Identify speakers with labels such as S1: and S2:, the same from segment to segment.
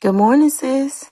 S1: Good morning, sis.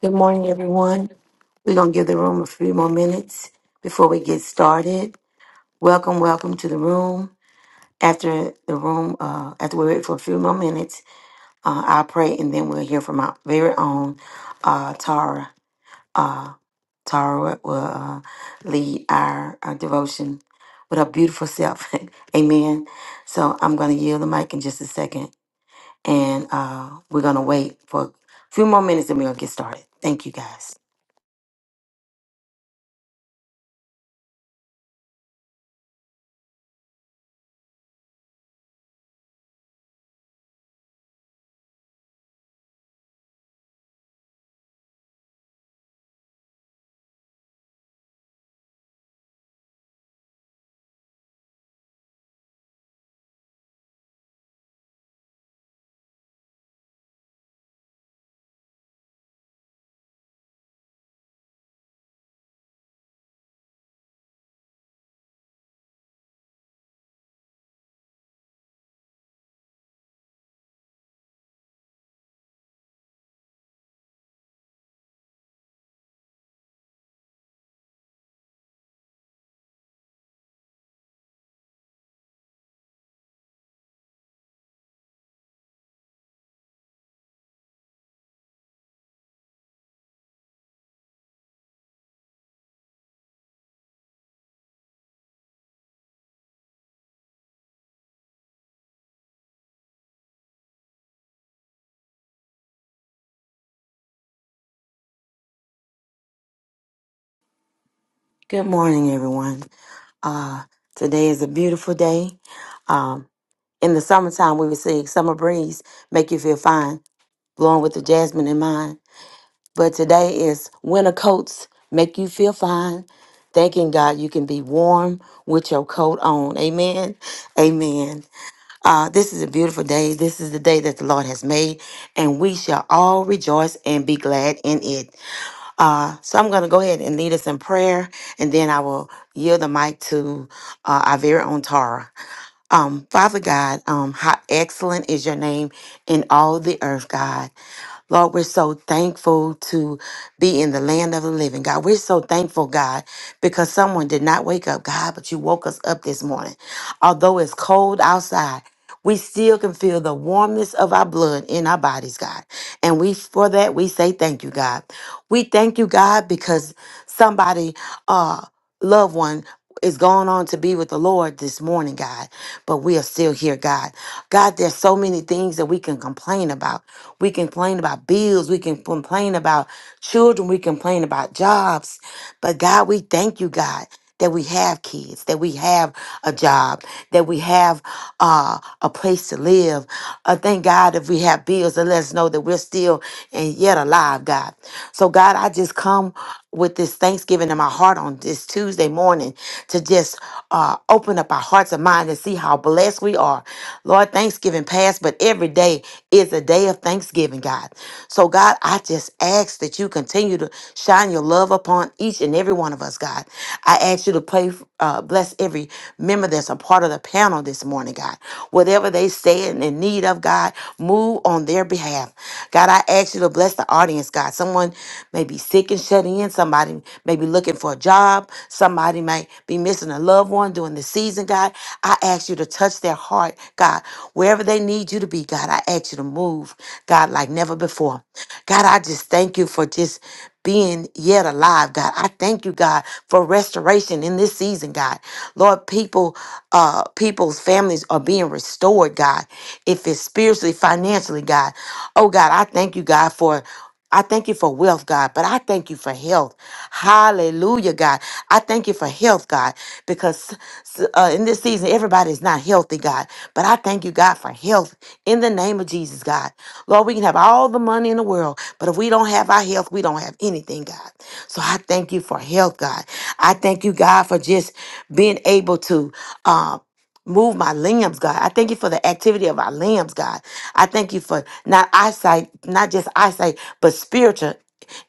S1: Good morning, everyone. We're going to give the room a few more minutes before we get started. Welcome, welcome to the room. After the room, uh, after we wait for a few more minutes, uh, I'll pray and then we'll hear from our very own uh, Tara. Uh, Tara will uh, lead our, our devotion with her beautiful self. Amen. So I'm going to yield the mic in just a second and uh, we're going to wait for a few more minutes and we're going to get started. Thank you, guys. Good morning, everyone. Uh, today is a beautiful day. Um, in the summertime, we would say summer breeze make you feel fine, blowing with the jasmine in mind. But today is winter coats make you feel fine. Thanking God you can be warm with your coat on. Amen. Amen. Uh, this is a beautiful day. This is the day that the Lord has made, and we shall all rejoice and be glad in it. Uh, so I'm going to go ahead and lead us in prayer, and then I will yield the mic to uh, our very own Tara. Um, Father God, um, how excellent is your name in all the earth, God. Lord, we're so thankful to be in the land of the living. God, we're so thankful, God, because someone did not wake up, God, but you woke us up this morning. Although it's cold outside, we still can feel the warmness of our blood in our bodies, God. And we for that we say thank you, God. We thank you, God, because somebody uh, loved one is going on to be with the Lord this morning, God, but we are still here, God. God, there's so many things that we can complain about. We can complain about bills, we can complain about children, we complain about jobs. But God, we thank you, God that we have kids, that we have a job, that we have uh, a place to live. Uh, thank God if we have bills that let us know that we're still and yet alive, God. So, God, I just come with this thanksgiving in my heart on this Tuesday morning to just uh, open up our hearts and minds and see how blessed we are. Lord, Thanksgiving passed, but every day is a day of thanksgiving thanksgiving, God. So, God, I just ask that you continue to shine your love upon each and every one of us, God. I ask you to pray, uh, bless every member that's a part of the panel this morning, God. Whatever they stand in need of, God, move on their behalf. God, I ask you to bless the audience, God. Someone may be sick and shut in. Somebody may be looking for a job. Somebody might be missing a a loved one during the season, God. I ask you to touch their heart, God. Wherever they need you to be, God, I ask you to move, God, like never before. God, I just thank you for just being yet alive, God. I thank you, God, for restoration in this season, God. Lord, people, uh, people's families are being restored, God. If it's spiritually, financially, God. Oh God, I thank you, God, for I thank you for wealth, God, but I thank you for health. Hallelujah, God. I thank you for health, God, because uh, in this season, everybody's not healthy, God. But I thank you, God, for health in the name of Jesus, God. Lord, we can have all the money in the world, but if we don't have our health, we don't have anything, God. So I thank you for health, God. I thank you, God, for just being able to. Um, Move my limbs, God. I thank you for the activity of our limbs, God. I thank you for not eyesight, not just eyesight, but spiritual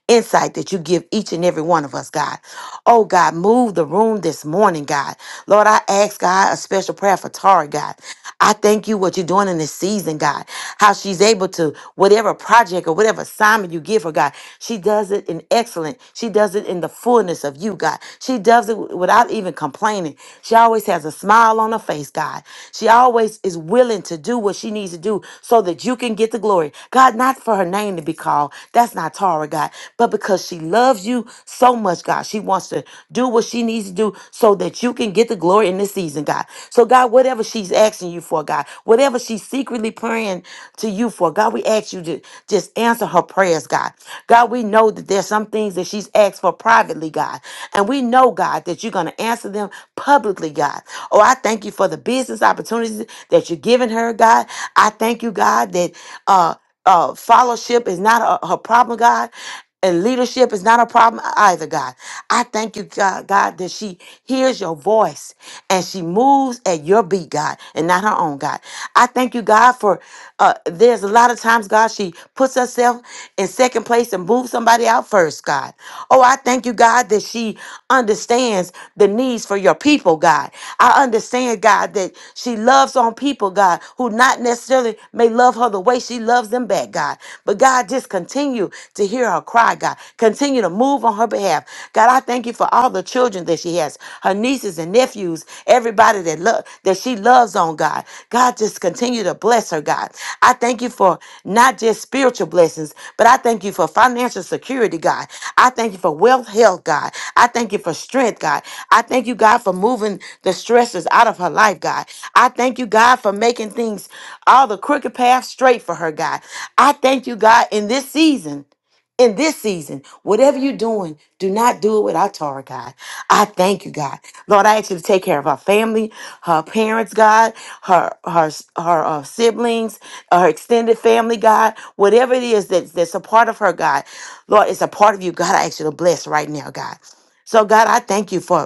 S1: insight that you give each and every one of us, God. Oh, God, move the room this morning, God. Lord, I ask, God, a special prayer for Tari, God. I thank you what you're doing in this season, God. How she's able to, whatever project or whatever assignment you give her, God, she does it in excellence. She does it in the fullness of you, God. She does it without even complaining. She always has a smile on her face, God. She always is willing to do what she needs to do so that you can get the glory. God, not for her name to be called. That's not Tara, God, but because she loves you so much, God. She wants to do what she needs to do so that you can get the glory in this this season, God. So, God, whatever she's asking you for, God, whatever she's secretly praying to you for, God, we ask you to just answer her prayers, God. God, we know that there's some things that she's asked for privately, God. And we know, God, that you're going to answer them publicly, God. Oh, I thank you for the business opportunities that you're giving her, God. I thank you, God, that uh uh, fellowship is not a, her problem, God. And leadership is not a problem either, God. I thank you, God, God, that she hears your voice and she moves at your beat, God, and not her own, God. I thank you, God, for uh, there's a lot of times, God, she puts herself in second place and moves somebody out first, God. Oh, I thank you, God, that she she understands the needs for your people, God. I understand, God, that she loves on people, God, who not necessarily may love her the way she loves them back, God. But God, just continue to hear her cry, God. Continue to move on her behalf. God, I thank you for all the children that she has, her nieces and nephews, everybody that love that she loves on, God. God. God, just continue to bless her, God. I thank you for not just spiritual blessings, but I thank you for financial security, God. I thank you for wealth, health, God. I thank you for strength, God. I thank you, God, for moving the stresses out of her life, God. I thank you, God, for making things all the crooked paths straight for her, God. I thank you, God, in this season in this season, whatever you're doing, do not do it without Tara, God. I thank you, God. Lord, I ask you to take care of her family, her parents, God, her her her uh, siblings, uh, her extended family, God. Whatever it is that's, that's a part of her, God. Lord, it's a part of you, God. I ask you to bless right now, God. So, God, I thank you for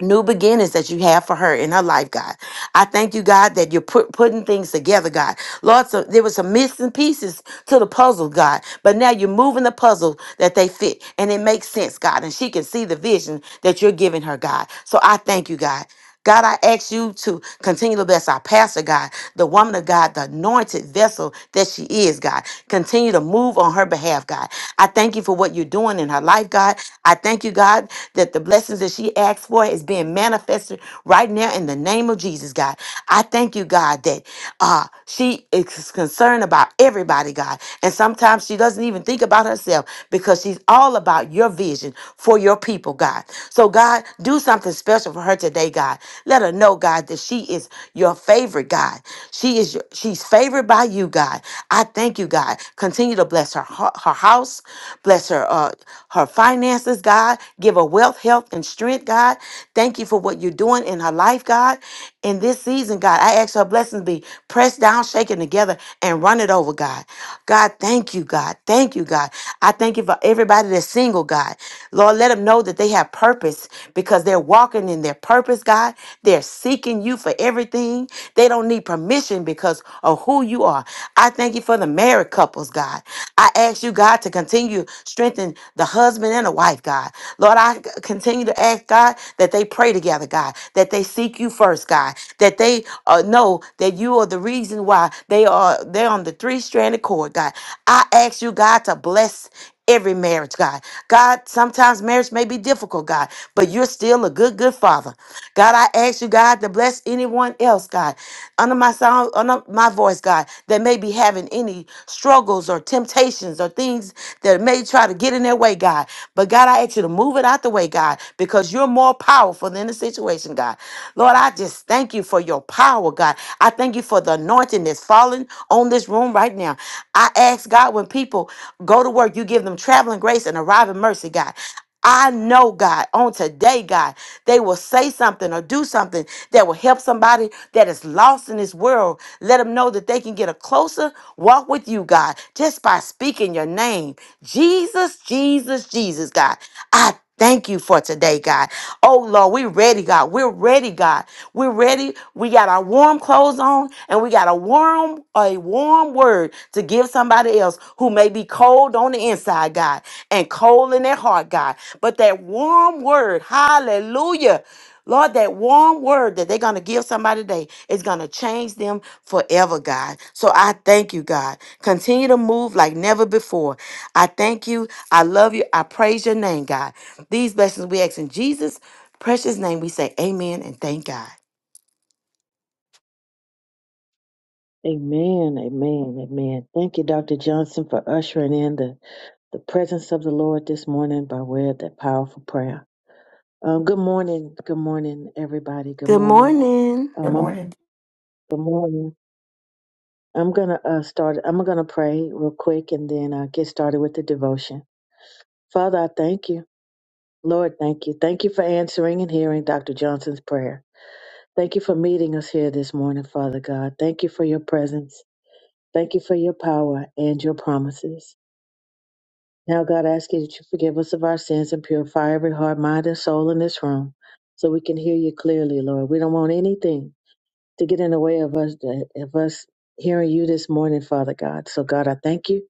S1: new beginnings that you have for her in her life, God. I thank you, God, that you're put, putting things together, God. Lord, so there was some missing pieces to the puzzle, God, but now you're moving the puzzle that they fit and it makes sense, God, and she can see the vision that you're giving her, God. So I thank you, God. God, I ask you to continue to bless our pastor, God, the woman of God, the anointed vessel that she is, God. Continue to move on her behalf, God. I thank you for what you're doing in her life, God. I thank you, God, that the blessings that she asked for is being manifested right now in the name of Jesus, God. I thank you, God, that uh, she is concerned about everybody, God. And sometimes she doesn't even think about herself because she's all about your vision for your people, God. So, God, do something special special for her today, God. Let her know, God, that she is your favorite, God. She is your, she's favored by you, God. I thank you, God. Continue to bless her ho- her house, bless her uh, her finances, God. Give her wealth, health, and strength, God. Thank you for what you're doing in her life, God. In this season, God, I ask your blessings be pressed down, shaken together, and run it over, God. God, thank you, God. Thank you, God. I thank you for everybody that's single, God. Lord, let them know that they have purpose because they're walking in their purpose, God. They're seeking you for everything. They don't need permission because of who you are. I thank you for the married couples, God. I ask you, God, to continue strengthening strengthen the husband and the wife, God. Lord, I continue to ask, God, that they pray together, God, that they seek you first, God, that they uh, know that you are the reason why they are they're on the three-stranded cord, God. I ask you, God, to bless every marriage, God. God, sometimes marriage may be difficult, God, but you're still a good, good father. God, I ask you, God, to bless anyone else, God under my sound, under my voice, God, that may be having any struggles or temptations or things that may try to get in their way, God. But God, I ask you to move it out the way, God, because you're more powerful than the situation, God. Lord, I just thank you for your power, God. I thank you for the anointing that's falling on this room right now. I ask God when people go to work, you give them traveling grace and arriving mercy, God. I know, God, on today, God, they will say something or do something that will help somebody that is lost in this world. Let them know that they can get a closer walk with you, God, just by speaking your name. Jesus, Jesus, Jesus, God. I Thank you for today, God. Oh Lord, we're ready, God. We're ready, God. We're ready. We got our warm clothes on and we got a warm, a warm word to give somebody else who may be cold on the inside, God, and cold in their heart, God. But that warm word, hallelujah. Lord, that warm word that they're going to give somebody today is going to change them forever, God. So I thank you, God. Continue to move like never before. I thank you. I love you. I praise your name, God. These blessings we ask in Jesus' precious name. We say amen and thank God.
S2: Amen, amen, amen. Thank you, Dr. Johnson, for ushering in the, the presence of the Lord this morning by way of that powerful prayer. Um, good morning, good morning, everybody. Good
S1: Good
S2: morning.
S1: morning.
S3: Good
S2: Um, I'm,
S3: morning.
S2: good morning. I'm gonna uh, start. I'm gonna pray real quick, and then uh, get started with the devotion. Father, I thank you, Lord. Thank you, thank you for answering and hearing Dr. Johnson's prayer. Thank you for meeting us here this morning, Father God. Thank you for your presence. Thank you for your power and your promises. Now, God, I ask you that you forgive us of our sins and purify every heart, mind, and soul in this room so we can hear you clearly, Lord. We don't want anything to get in the way of us, of us hearing you this morning, Father God. So, God, I thank you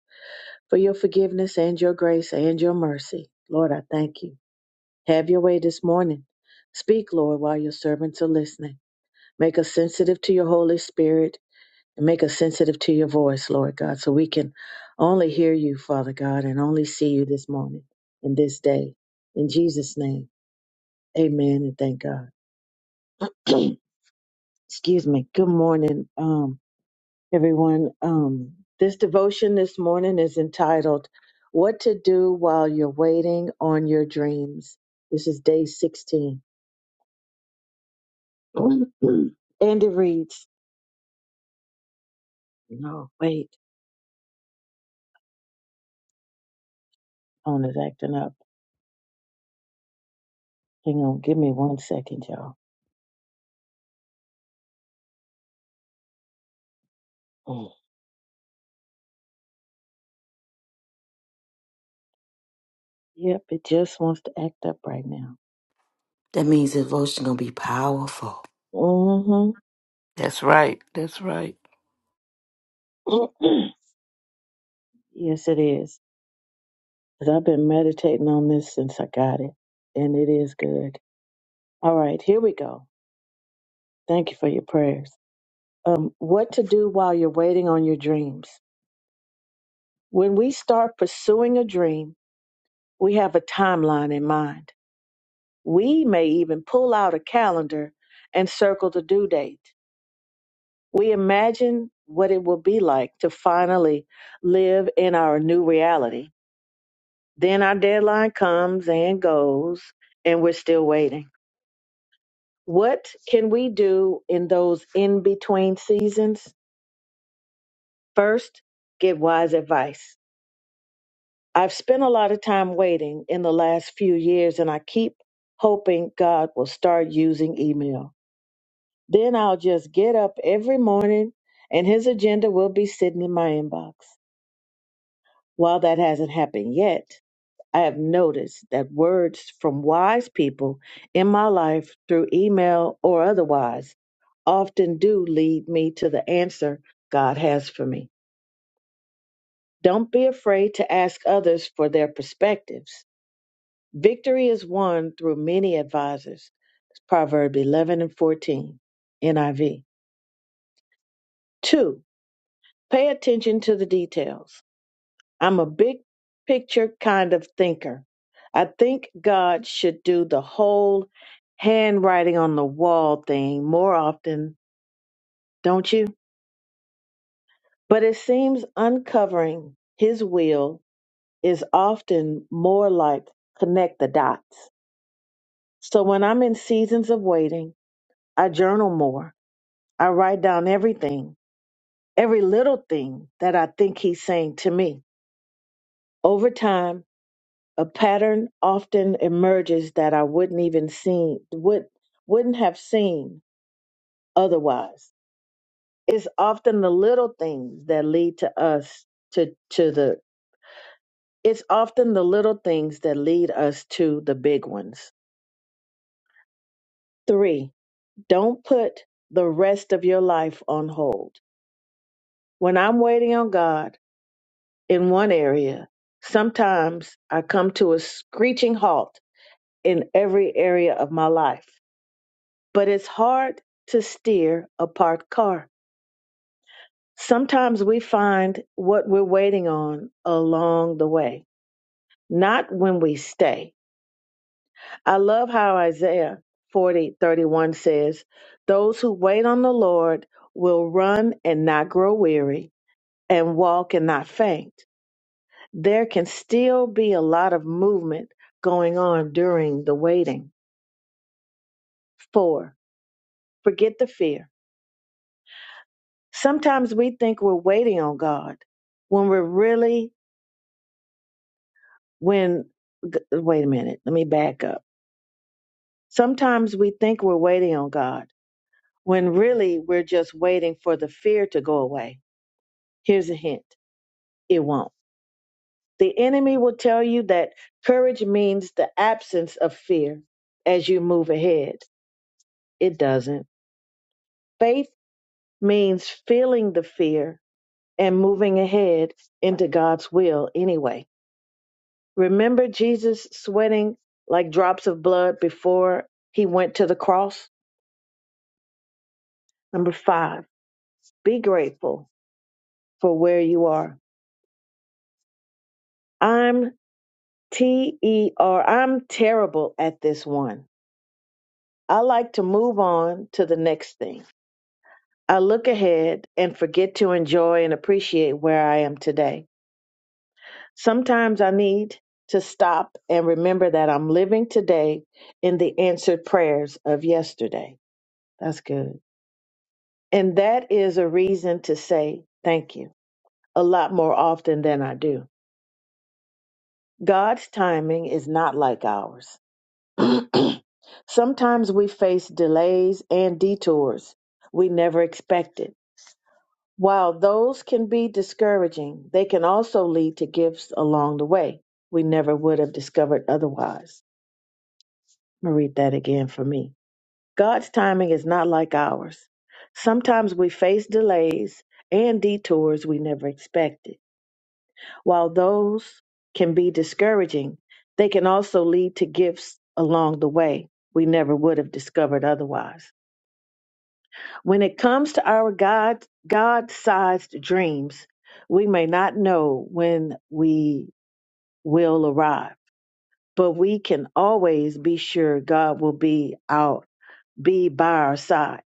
S2: for your forgiveness and your grace and your mercy. Lord, I thank you. Have your way this morning. Speak, Lord, while your servants are listening. Make us sensitive to your Holy Spirit and make us sensitive to your voice, Lord God, so we can only hear you, Father God, and only see you this morning and this day. In Jesus' name, amen and thank God. Excuse me. Good morning, um, everyone. Um, this devotion this morning is entitled, What to Do While You're Waiting on Your Dreams. This is day 16. and it reads, No, wait, phone is acting up. Hang on, give me one second, y'all. Yep, it just wants to act up right now.
S1: That means the devotion gonna be powerful.
S2: Mm-hmm.
S4: That's right. That's right.
S2: yes, it is. 'Cause I've been meditating on this since I got it, and it is good. All right, here we go. Thank you for your prayers. Um, what to do while you're waiting on your dreams? When we start pursuing a dream, we have a timeline in mind. We may even pull out a calendar and circle the due date. We imagine what it will be like to finally live in our new reality Then our deadline comes and goes, and we're still waiting. What can we do in those in between seasons? First, get wise advice. I've spent a lot of time waiting in the last few years, and I keep hoping God will start using email. Then I'll just get up every morning, and His agenda will be sitting in my inbox. While that hasn't happened yet, I have noticed that words from wise people in my life through email or otherwise often do lead me to the answer God has for me. Don't be afraid to ask others for their perspectives. Victory is won through many advisors. Proverb 11 and 14, NIV. Two, pay attention to the details. I'm a big picture kind of thinker. I think God should do the whole handwriting on the wall thing more often, don't you? But it seems uncovering his will is often more like connect the dots. So when I'm in seasons of waiting, I journal more. I write down everything, every little thing that I think he's saying to me. Over time, a pattern often emerges that I wouldn't even seen would wouldn't have seen otherwise. It's often the little things that lead to us to to the it's often the little things that lead us to the big ones. 3. Don't put the rest of your life on hold. When I'm waiting on God in one area, sometimes I come to a screeching halt in every area of my life but it's hard to steer a parked car. Sometimes we find what we're waiting on along the way, not when we stay. I love how Isaiah 40 31 says, Those who wait on the Lord will run and not grow weary, and walk and not faint. There can still be a lot of movement going on during the waiting. Four, forget the fear Sometimes we think we're waiting on God when we're really, when, g- wait a minute, let me back up. Sometimes we think we're waiting on God when really we're just waiting for the fear to go away. Here's a hint it won't. The enemy will tell you that courage means the absence of fear as you move ahead. It doesn't. Faith means feeling the fear and moving ahead into God's will anyway. Remember Jesus sweating like drops of blood before he went to the cross? Number five, be grateful for where you are. I'm T E R. I'm terrible at this one. I like to move on to the next thing. I look ahead and forget to enjoy and appreciate where I am today. Sometimes I need to stop and remember that I'm living today in the answered prayers of yesterday. That's good. And that is a reason to say thank you a lot more often than I do. God's timing is not like ours. Sometimes we face delays and detours we never expected. While those can be discouraging, they can also lead to gifts along the way we never would have discovered otherwise. I'm gonna read that again for me. God's timing is not like ours. Sometimes we face delays and detours we never expected While those can be discouraging, they can also lead to gifts along the way we never would have discovered otherwise. When it comes to our God God-sized dreams, we may not know when we will arrive, but we can always be sure God will be out be by our side,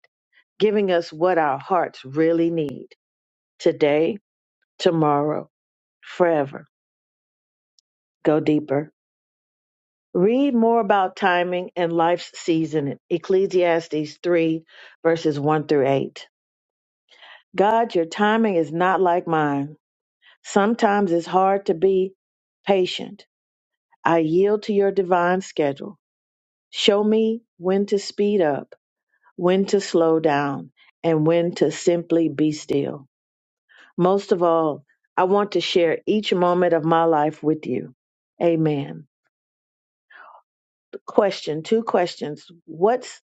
S2: giving us what our hearts really need today, tomorrow, forever. Go deeper. Read more about timing and life's season in Ecclesiastes 3, verses 1 through 8. God, your timing is not like mine. Sometimes it's hard to be patient. I yield to your divine schedule. Show me when to speed up, when to slow down, and when to simply be still. Most of all, I want to share each moment of my life with you. Amen. Question, two questions. What's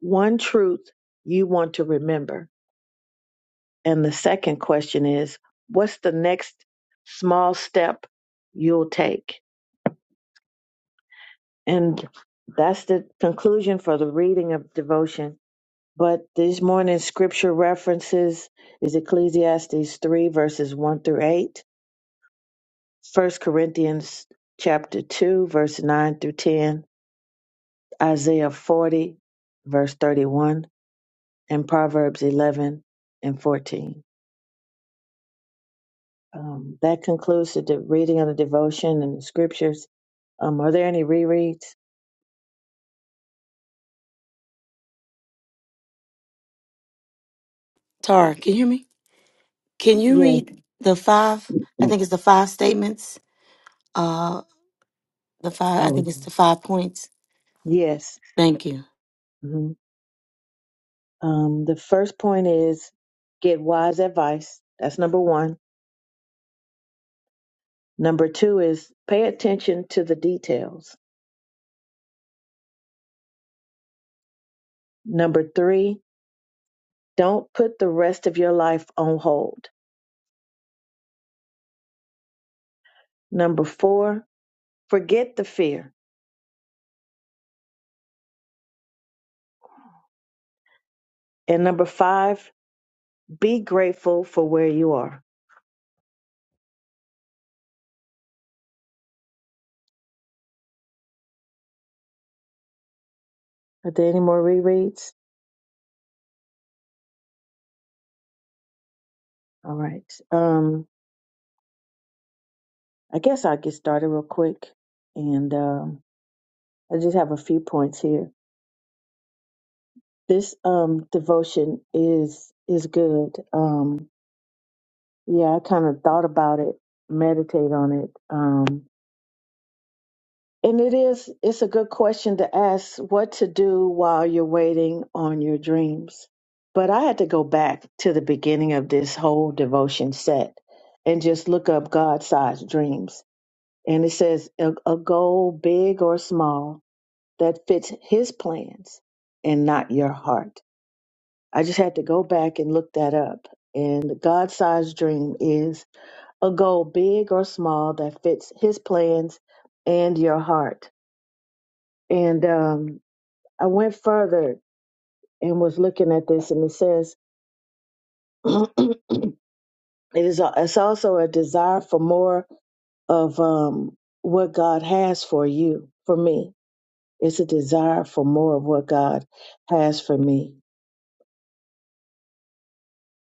S2: one truth you want to remember. And the second question is, what's the next small step you'll take? And that's the conclusion for the reading of devotion. But this morning's scripture references is Ecclesiastes 3 verses 1 through 8, First Corinthians chapter 2 verse 9 through 10, Isaiah 40 verse 31, and Proverbs 11 and 14. Um, that concludes the de- reading of the devotion and the scriptures. Um, are there any rereads?
S1: Tara, can you hear me? Can you
S2: Yes.
S1: read the five? I
S2: Mm.
S1: think it's the five statements. Uh, the five. I
S2: Oh,
S1: think it's the five points.
S2: yes.
S1: Thank you.
S2: hmm Um, the first point is get wise advice. That's number one. Number two is pay attention to the details. Number three, don't put the rest of your life on hold. Number four, forget the fear. And number five, be grateful for where you are. Are there any more rereads? All right. Um, I guess I'll get started real quick. And um, I just have a few points here. This um, devotion is is good. Um, yeah, I kind of thought about it, meditate on it. Um, and it is it's a good question to ask what to do while you're waiting on your dreams. But I had to go back to the beginning of this whole devotion set and just look up God-sized dreams. And it says a, a goal big or small that fits his plans and not your heart. I just had to go back and look that up. And the God sized dream is a goal, big or small, that fits his plans and your heart. And um, I went further and was looking at this, and it says it is a, it's also a desire for more of um, what God has for you, for me. It's a desire for more of what God has for me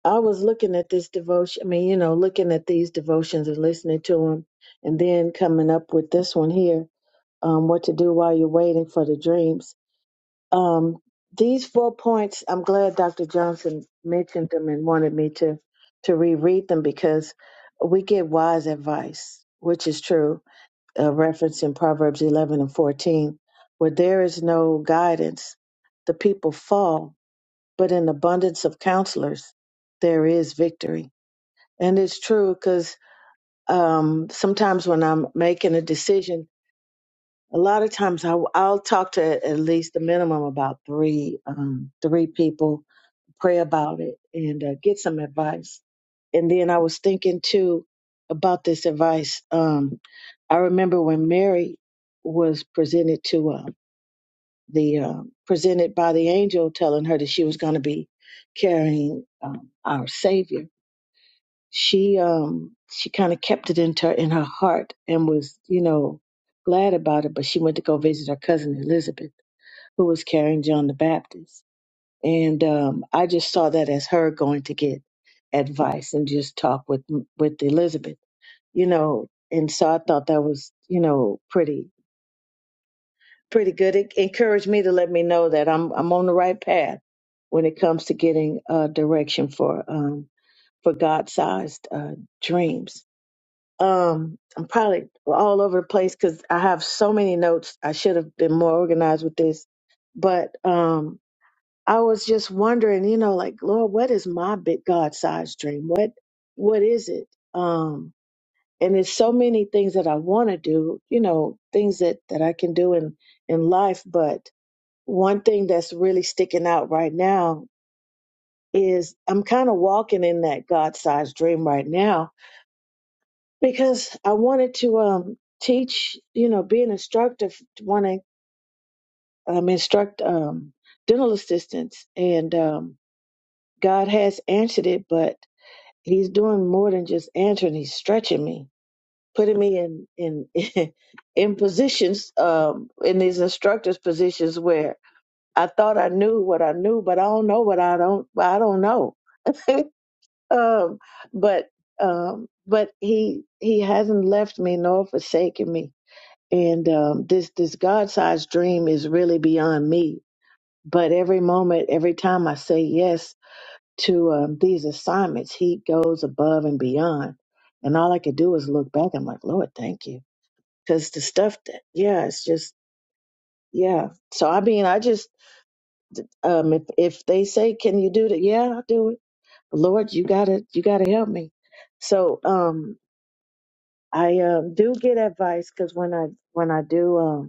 S2: I was looking at this devotion, I mean, you know, looking at these devotions and listening to them, and then coming up with this one here um, what to do while you're waiting for the dreams. Um, these four points, I'm glad Dr. Johnson mentioned them and wanted me to, to reread them because we get wise advice, which is true, a reference in Proverbs 11 and 14. Where there is no guidance, the people fall, but in abundance of counselors, there is victory. And it's true because um, sometimes when I'm making a decision, a lot of times I, I'll talk to at least a minimum about three um, three people, pray about it, and uh, get some advice. And then I was thinking too about this advice. Um, I remember when Mary was presented to uh, the um presented by the angel, telling her that she was going to be carrying um, our Savior she um she kind of kept it in her in her heart and was you know glad about it but she went to go visit her cousin elizabeth who was carrying john the baptist and um i just saw that as her going to get advice and just talk with with elizabeth you know and so i thought that was you know pretty pretty good it encouraged me to let me know that i'm i'm on the right path when it comes to getting uh direction for um for god-sized uh dreams Um, I'm probably all over the place because I have so many notes. I should have been more organized with this, but um, I was just wondering, you know, like Lord, what is my big God-sized dream? What what is it? Um, and there's so many things that I want to do, you know, things that that I can do in in life. But one thing that's really sticking out right now is I'm kind of walking in that God-sized dream right now because I wanted to um teach, you know, be an instructor, want to um, instruct um dental assistants, and um God has answered it, but He's doing more than just answering. He's stretching me, putting me in in in positions um in these instructors positions where I thought I knew what I knew, but I don't know what I don't I don't know. um, but um, but He He hasn't left me nor forsaken me and um, this this God sized dream is really beyond me. But every moment, every time I say yes to um, these assignments, He goes above and beyond. And all I could do is look back. I'm like, Lord, thank you, because the stuff that yeah, it's just yeah. So I mean, I just um, if if they say, can you do that? Yeah, I'll do it. Lord, you gotta you gotta help me. So um, I um, do get advice because when I when I do. Um,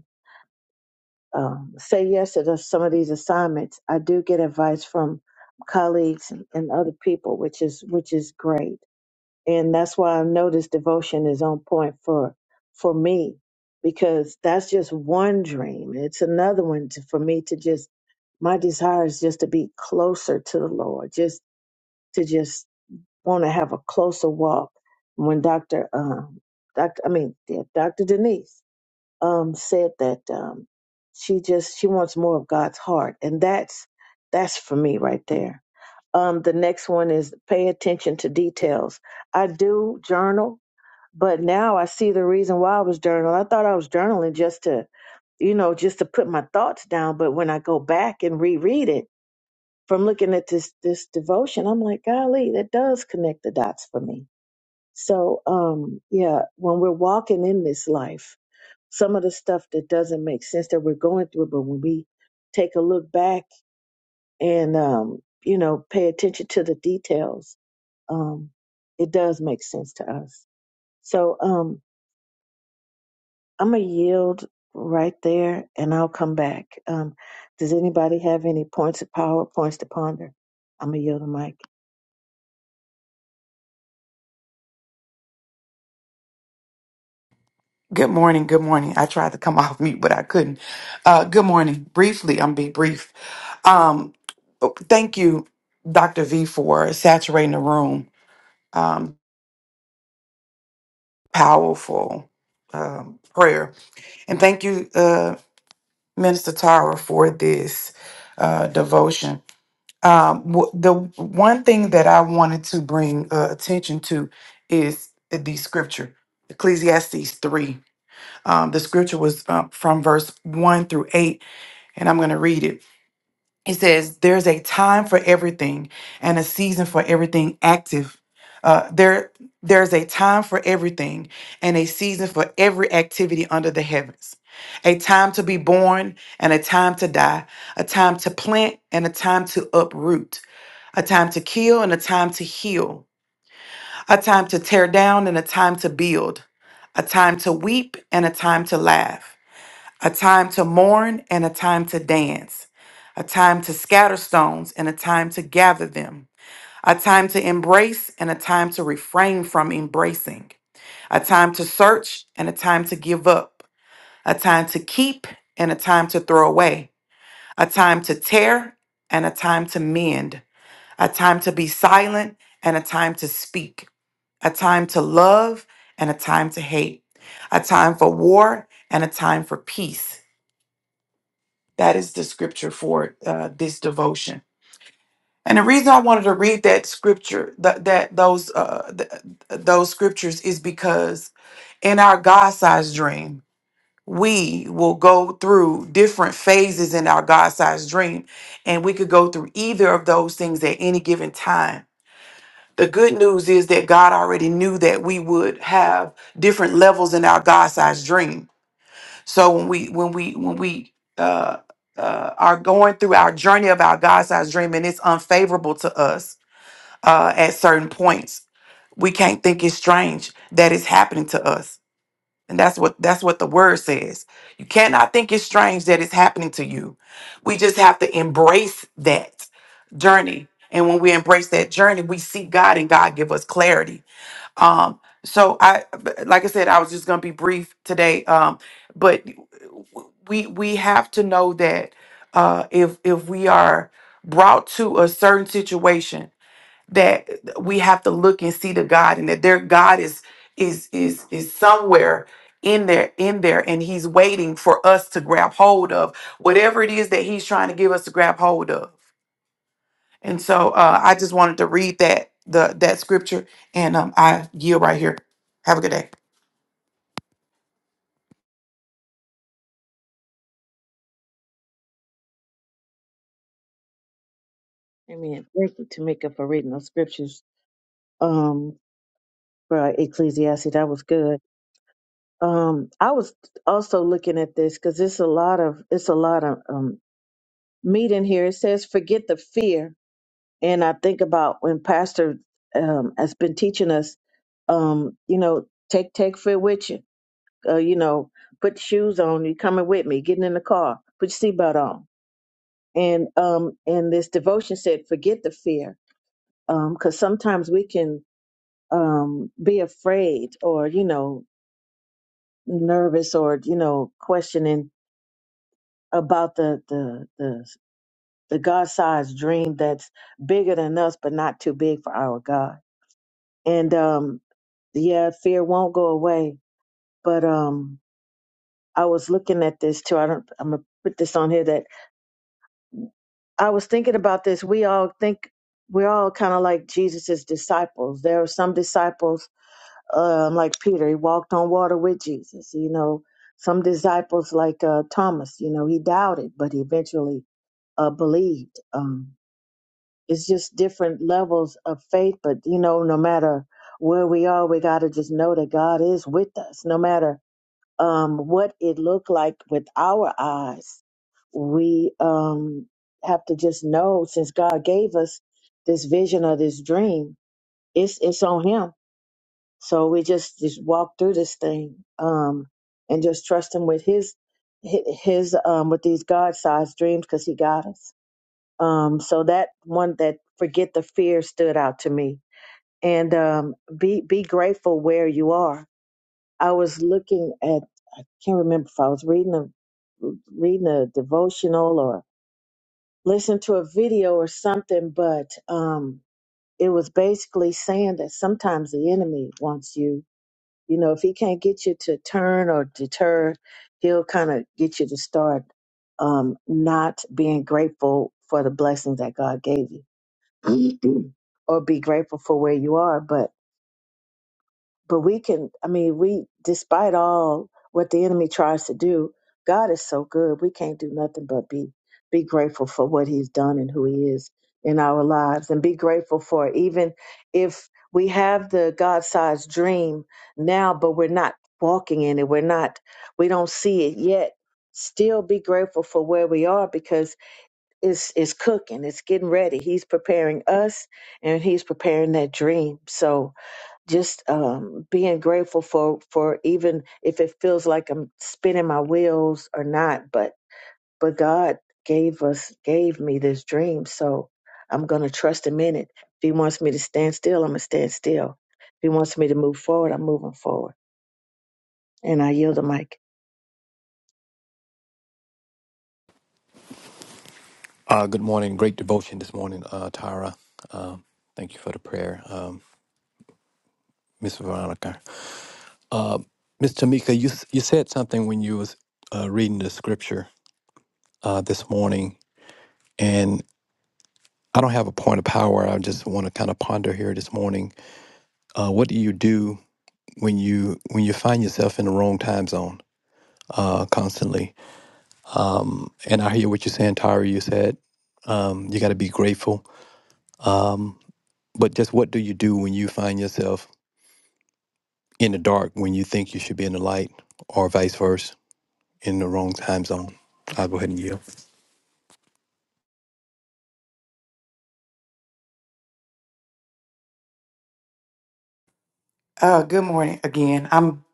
S2: um, say yes to the- some of these assignments. I do get advice from colleagues and, and other people, which is which is great, and that's why I know this devotion is on point for for me because that's just one dream. It's another one to, for me to just my desire is just to be closer to the Lord, just to just want to have a closer walk. When Doctor, um, Doctor, I mean, yeah, Doctor Denise um, said that um, she just she wants more of God's heart, and that's that's for me right there. Um, the next one is pay attention to details. I do journal, but now I see the reason why I was journaling. I thought I was journaling just to you know, just to put my thoughts down. But when I go back and reread it from looking at this this devotion, I'm like, golly, that does connect the dots for me. So, um, yeah, when we're walking in this life, some of the stuff that doesn't make sense that we're going through, but when we take a look back and, um, you know, pay attention to the details, um, it does make sense to us. So, um, I'm going to yield right there and I'll come back. Um, does anybody have any points of power, points to ponder? I'm going to yield the mic.
S3: Good morning. Good morning. I tried to come off mute, but I couldn't. Uh, good morning. Briefly, I'm be brief. Um, thank you, Dr. V, for saturating the room. Um, powerful um, prayer, and thank you, uh, Minister Tara, for this uh, devotion. Um, w- the one thing that I wanted to bring uh, attention to is the scripture, Ecclesiastes three. Um, the scripture was uh, from verse 1 through 8, and I'm going to read it. It says, There's a time for everything and a season for everything active. Uh, there, there's a time for everything and a season for every activity under the heavens. A time to be born and a time to die. A time to plant and a time to uproot. A time to kill and a time to heal. A time to tear down and a time to build. A time to weep and a time to laugh a time to mourn and a time to dance, a time to scatter stones and a time to gather them, a time to embrace and a time to refrain from embracing, a time to search and a time to give up, a time to keep and a time to throw away, a time to tear and a time to mend, a time to be silent and a time to speak, a time to love and a time to hate, a time for war and a time for peace That is the scripture for uh, this devotion. And the reason I wanted to read that scripture, that, that those uh, th- those scriptures, is because in our God-sized dream, we will go through different phases in our God-sized dream, and we could go through either of those things at any given time. The good news is that God already knew that we would have different levels in our God-sized dream. So when we when we when we uh, uh, are going through our journey of our God-sized dream and it's unfavorable to us uh, at certain points, we can't think it's strange that it's happening to us, and that's what that's what the word says. You cannot think it's strange that it's happening to you. We just have to embrace that journey, and when we embrace that journey, we see God, and God give us clarity um, so I, like I said, I was just gonna be brief today. Um, but we we have to know that uh, if if we are brought to a certain situation, that we have to look and see the God, and that their God is is is is somewhere in there in there and he's waiting for us to grab hold of whatever it is that he's trying to give us to grab hold of and so uh, I just wanted to read that the that scripture, and um, I yield right here. Have a good day.
S2: Amen. Thank you, Tamika, for reading those scriptures um, for Ecclesiastes. That was good. Um, I was also looking at this because it's a lot of it's a lot of um, meat in here. It says forget the fear, and I think about when Pastor um, has been teaching us, um, you know, take take fear with you. Uh, you know, put your shoes on. You coming with me? Getting in the car. Put your seatbelt on. And um, and this devotion said forget the fear, because sometimes we can um be afraid or you know nervous or you know questioning about the the the the God sized dream that's bigger than us, but not too big for our God. And um, yeah, fear won't go away. But um, I was looking at this too. I don't. I'm gonna put this on here that I was thinking about this. We all think we're all kind of like Jesus's disciples. There are some disciples, um, like Peter, he walked on water with Jesus. You know, some disciples like uh, Thomas. You know, he doubted, but he eventually uh, believed. Um, it's just different levels of faith but you know no matter where we are we got to just know that god is with us no matter um what it looked like with our eyes we um have to just know since god gave us this vision or this dream it's it's on him so we just just walk through this thing um and just trust him with his hi- his um with these god-sized dreams because he got us um, so that one that forget the fear stood out to me. And um, be be grateful where you are. I was looking at I can't remember if I was reading a reading a devotional or listening to a video or something, but um, it was basically saying that sometimes the enemy wants you. You know, if he can't get you to turn or deter, he'll kind of get you to start um, not being grateful for the blessings that God gave you or be grateful for where you are but but we can i mean we despite all what the enemy tries to do god is so good we can't do nothing but be be grateful for what he's done and who he is in our lives and be grateful for it. even if we have the god-sized dream now but we're not walking in it we're not we don't see it yet still be grateful for where we are because is is cooking it's getting ready he's preparing us and he's preparing that dream so just um being grateful for for even if it feels like i'm spinning my wheels or not but but god gave us gave me this dream so i'm going to trust him in it if he wants me to stand still i'm going to stand still if he wants me to move forward i'm moving forward and i yield the mic
S5: Uh, good morning. Great devotion this morning, uh, Tara. Um, thank you for the prayer, um, Miss Veronica. Uh, Miss Tamika, you you said something when you was uh, reading the scripture uh, this morning, and I don't have a point of power. I just want to kind of ponder here this morning. Uh, what do you do when you when you find yourself in the wrong time zone uh, constantly? Um, and I hear what you're saying, Tara. You said um, you got to be grateful. Um, but just what do you do when you find yourself in the dark when you think you should be in the light, or vice versa, in the wrong time zone. I'll go ahead and yield.
S3: Uh, good morning again. I'm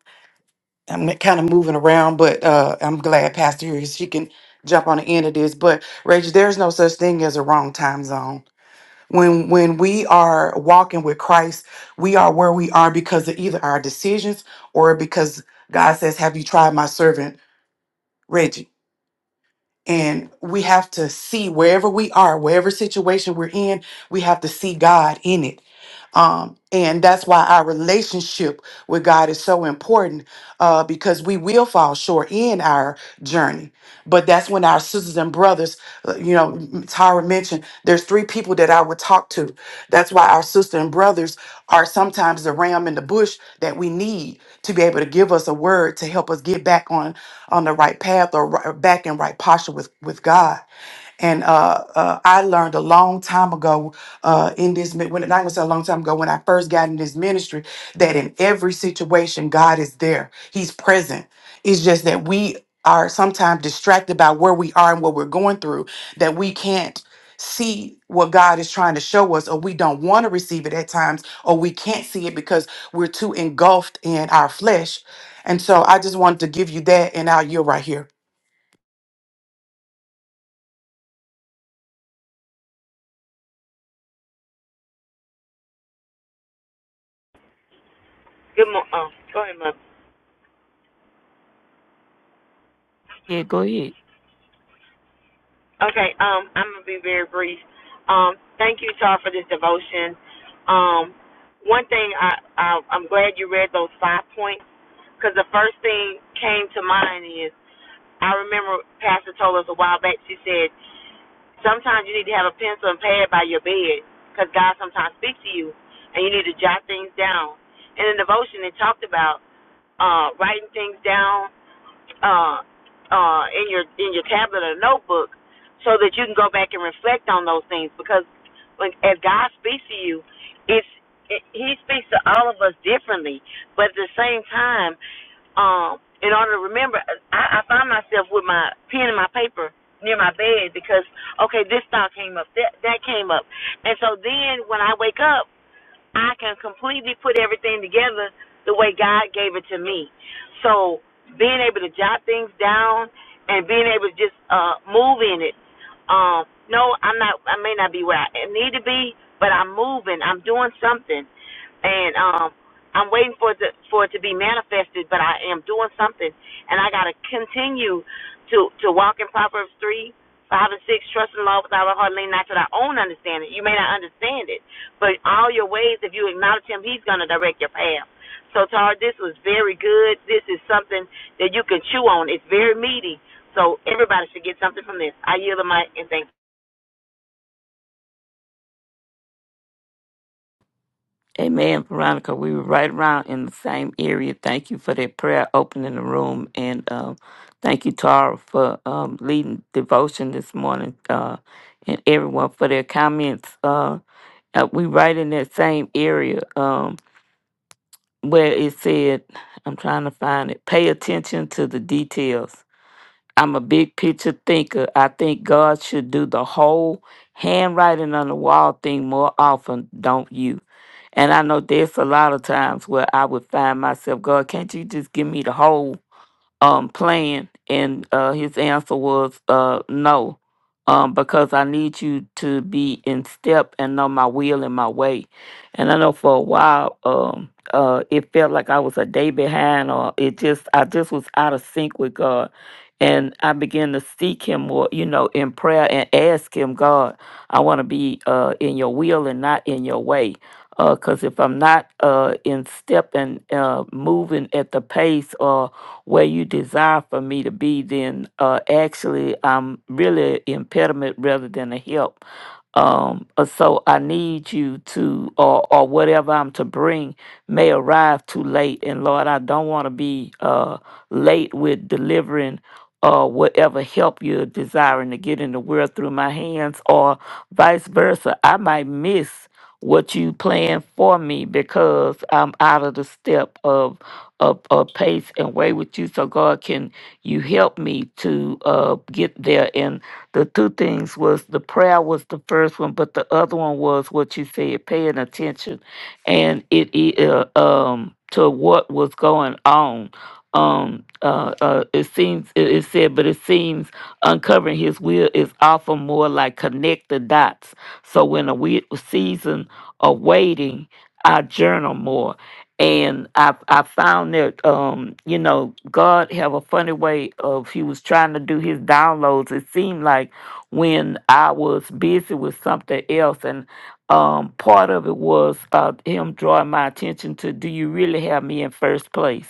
S3: I'm kind of moving around, but uh, I'm glad Pastor here is. She can jump on the end of this. But Rachel, there's no such thing as a wrong time zone. When when we are walking with Christ, we are where we are because of either our decisions or because God says, "Have you tried my servant?" Reggie. And we have to see wherever we are, wherever situation we're in, we have to see God in it. Um, and that's why our relationship with God is so important uh, because we will fall short in our journey. But that's when our sisters and brothers, uh, you know, m- Tyra mentioned, there's three people that I would talk to. That's why our sister and brothers are sometimes the ram in the bush that we need to be able to give us a word to help us get back on on the right path or right, back in right posture with with God. And uh, uh, I learned a long time ago uh, in this, mi- when, am gonna say a long time ago, when I first got in this ministry, that in every situation, God is there. He's present. It's just that we are sometimes distracted by where we are and what we're going through, that we can't see what God is trying to show us, or we don't want to receive it at times, or we can't see it because we're too engulfed in our flesh. And so I just wanted to give you that, and now you're right here.
S1: Good morning. Oh, go ahead, Mother.
S4: Yeah, go ahead.
S1: Okay, um, I'm gonna be very brief. Um, thank you, Tar, for this devotion. Um, one thing I, I I'm glad you read those five points because the first thing came to mind I remember Pastor told us a while back, she said, sometimes you need to have a pencil and pad by your bed because God sometimes speaks to you and you need to jot things down. And in devotion, it talked about uh, writing things down uh, uh, in your in your tablet or notebook, so that you can go back and reflect on those things. Because when as God speaks to you, it's it, He speaks to all of us differently. But at the same time, um, in order to remember, I, I find myself with my pen and my paper near my bed because okay, this thought came up, that that came up, and so then when I wake up. I can completely put everything together the way God gave it to me. So being able to jot things down and being able to just uh move in it. Um, no, I'm not I may not be where I need to be, but I'm moving, I'm doing something. And um I'm waiting for it to for it to be manifested, but I am doing something and I gotta continue to to walk in Proverbs three, five, and six. Trust in the Lord with all our heart, lean not to thy own understanding. You may not understand it, but all your ways, if you acknowledge Him, He's going to direct your path. So, Tar, this was very good. This is something that you can chew on. It's very meaty. So everybody should get something from this. I yield the mic and thank you.
S4: Amen, Veronica. We were right around in the same area. Thank you for that prayer opening the room. And um, thank you, Tara, for um, leading devotion this morning uh, and everyone for their comments. Uh, uh, we right in that same area um, where it said, I'm trying to find it, pay attention to the details. I'm a big picture thinker. I think God should do the whole handwriting on the wall thing more often, don't you? And I know there's a lot of times where I would find myself, God, can't you just give me the whole? um plan and uh his answer was uh no um because i need you to be in step and know my will and my way and i know for a while um uh it felt like i was a day behind or it just i just was out of sync with god and i began to seek him more you know in prayer and ask him god i want to be uh in your will and not in your way because if i'm not uh in step and uh moving at the pace or where you desire for me to be, then uh, actually I'm really impediment rather than a help. Um, uh, so I need you to, or, or whatever I'm to bring may arrive too late. And Lord, I don't want to be uh, late with delivering uh, whatever help you're desiring to get in the world through my hands, or vice versa. I might miss what you plan for me because I'm out of the step of or, or pace and way with you. So God, can you help me to uh, get there? And the two things was the prayer was the first one, but the other one was what you said, paying attention, and it, it uh, um to what was going on. Um, uh, uh, it seems it, it said, but it seems uncovering His will is often more like connect the dots. So when a we season of waiting, I journal more and I I found that um you know God have a funny way of He was trying to do His downloads. It seemed like when I was busy with something else, and um part of it was uh, Him drawing my attention to Do you really have me in first place?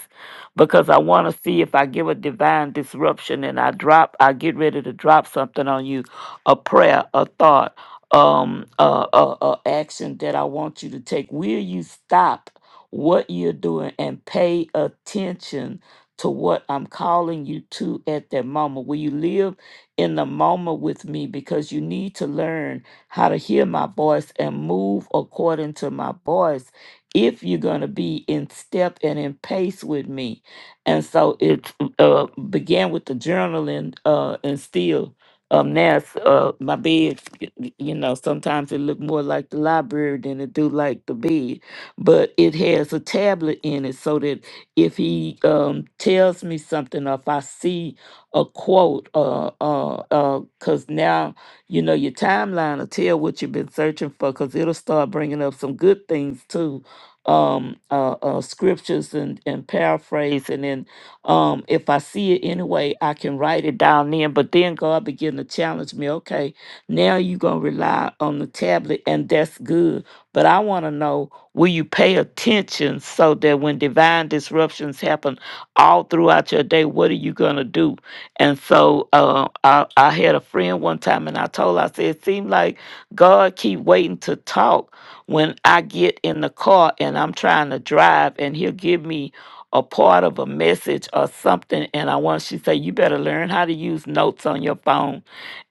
S4: Because I want to see if I give a divine disruption and I drop, I get ready to drop something on you, a prayer, a thought. Um, a uh, uh, action that I want you to take. Will you stop what you're doing and pay attention to what I'm calling you to at that moment. Will you live in the moment with me? Because you need to learn how to hear my voice and move according to my voice if you're going to be in step and in pace with me. And so it uh, began with the journaling uh, and still. Um, now it's, uh, my bed, y- y- you know, sometimes it look more like the library than it do like the bed but it has a tablet in it so that if he um, tells me something or if I see a quote, uh, uh, uh, cause now you know your timeline will tell what you've been searching for, cause it'll start bringing up some good things too, um, uh, uh, scriptures and and paraphrase, and then um, if I see it anyway, I can write it down then. But then God begin to challenge me. Okay, now you gonna rely on the tablet, and that's good. But I want to know Will you pay attention so that when divine disruptions happen all throughout your day, what are you going to do? And so uh, I, I had a friend one time and I told her, I said, it seemed like God keep waiting to talk when I get in the car and I'm trying to drive and he'll give me a part of a message or something. And I want, she said, you better learn how to use notes on your phone.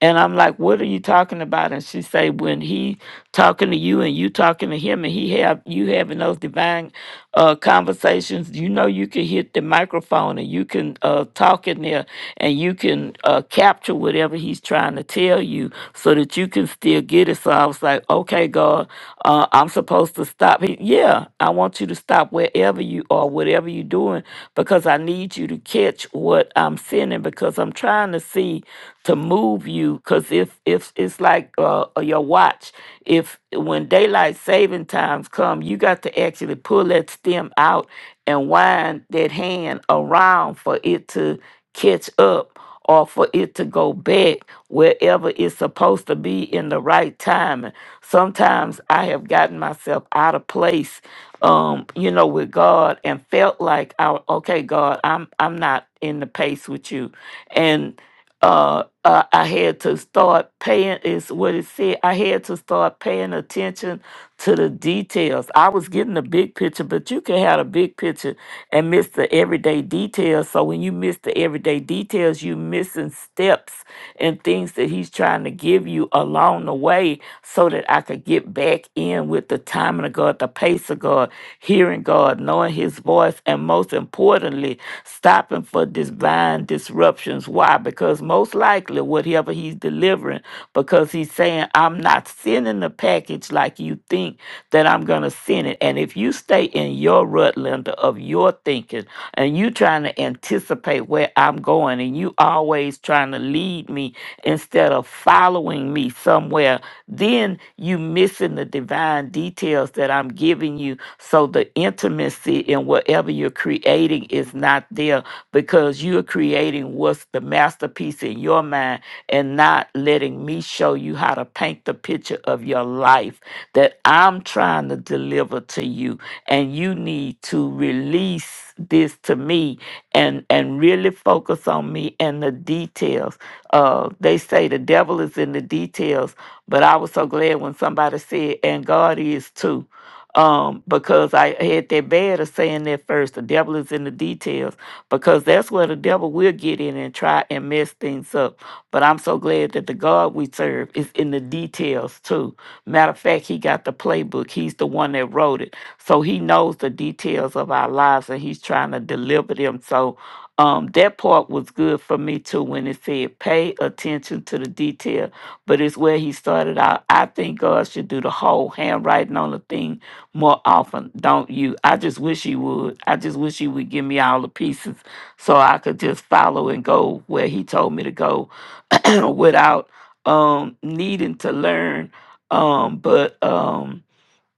S4: And I'm like, what are you talking about? And she said, when he talking to you and you talking to him and he have you having those divine uh conversations you know you can hit the microphone and you can uh talk in there and you can uh capture whatever he's trying to tell you so that you can still get it so i was like okay god uh i'm supposed to stop he, yeah i want you to stop wherever you are whatever you're doing because i need you to catch what i'm sending because i'm trying to see to move you because if if it's like uh, uh, your watch if when daylight saving times come you got to actually pull that stem out and wind that hand around for it to catch up or for it to go back wherever it's supposed to be in the right timing sometimes i have gotten myself out of place um you know with god and felt like I, okay god i'm i'm not in the pace with you and uh, uh, I had to start paying, is what it said. I had to start paying attention to the details. I was getting the big picture, but you can have a big picture and miss the everyday details. So when you miss the everyday details, you missing steps and things that he's trying to give you along the way so that I could get back in with the timing of God, the pace of God, hearing God, knowing his voice, and most importantly, stopping for divine disruption interruptions. Why? Because most likely, whatever he's delivering, because he's saying, I'm not sending the package like you think that I'm going to send it. And if you stay in your rut, Linda, of your thinking, and you trying to anticipate where I'm going, and you always trying to lead me instead of following me somewhere, then you missing the divine details that I'm giving you. So the intimacy in whatever you're creating is not there because because you are creating what's the masterpiece in your mind and not letting me show you how to paint the picture of your life that I'm trying to deliver to you. And you need to release this to me and and really focus on me and the details. Uh, they say the devil is in the details, but I was so glad when somebody said, and God is too um, because I had that bad of saying that first. The devil is in the details because that's where the devil will get in and try and mess things up. But I'm so glad that the God we serve is in the details too. Matter of fact, he got the playbook. He's the one that wrote it. So he knows the details of our lives and he's trying to deliver them. So um, that part was good for me too when it said pay attention to the detail. But it's where he started out. I think God should do the whole handwriting on the thing more often, don't you? I just wish he would. I just wish he would give me all the pieces so I could just follow and go where he told me to go without um needing to learn. Um, but um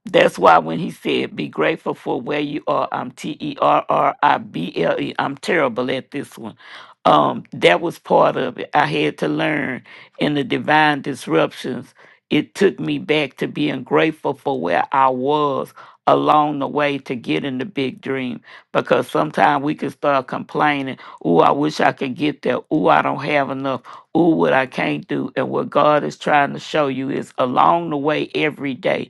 S4: that's why when he said, be grateful for where you are, I'm T E R R I B L E. I'm terrible at this one. Um, that was part of it. I had to learn in the divine disruptions. It took me back to being grateful for where I was along the way to get in the big dream. Because sometimes we can start complaining, oh, I wish I could get there. Oh, I don't have enough. Oh, what I can't do. And what God is trying to show you is along the way every day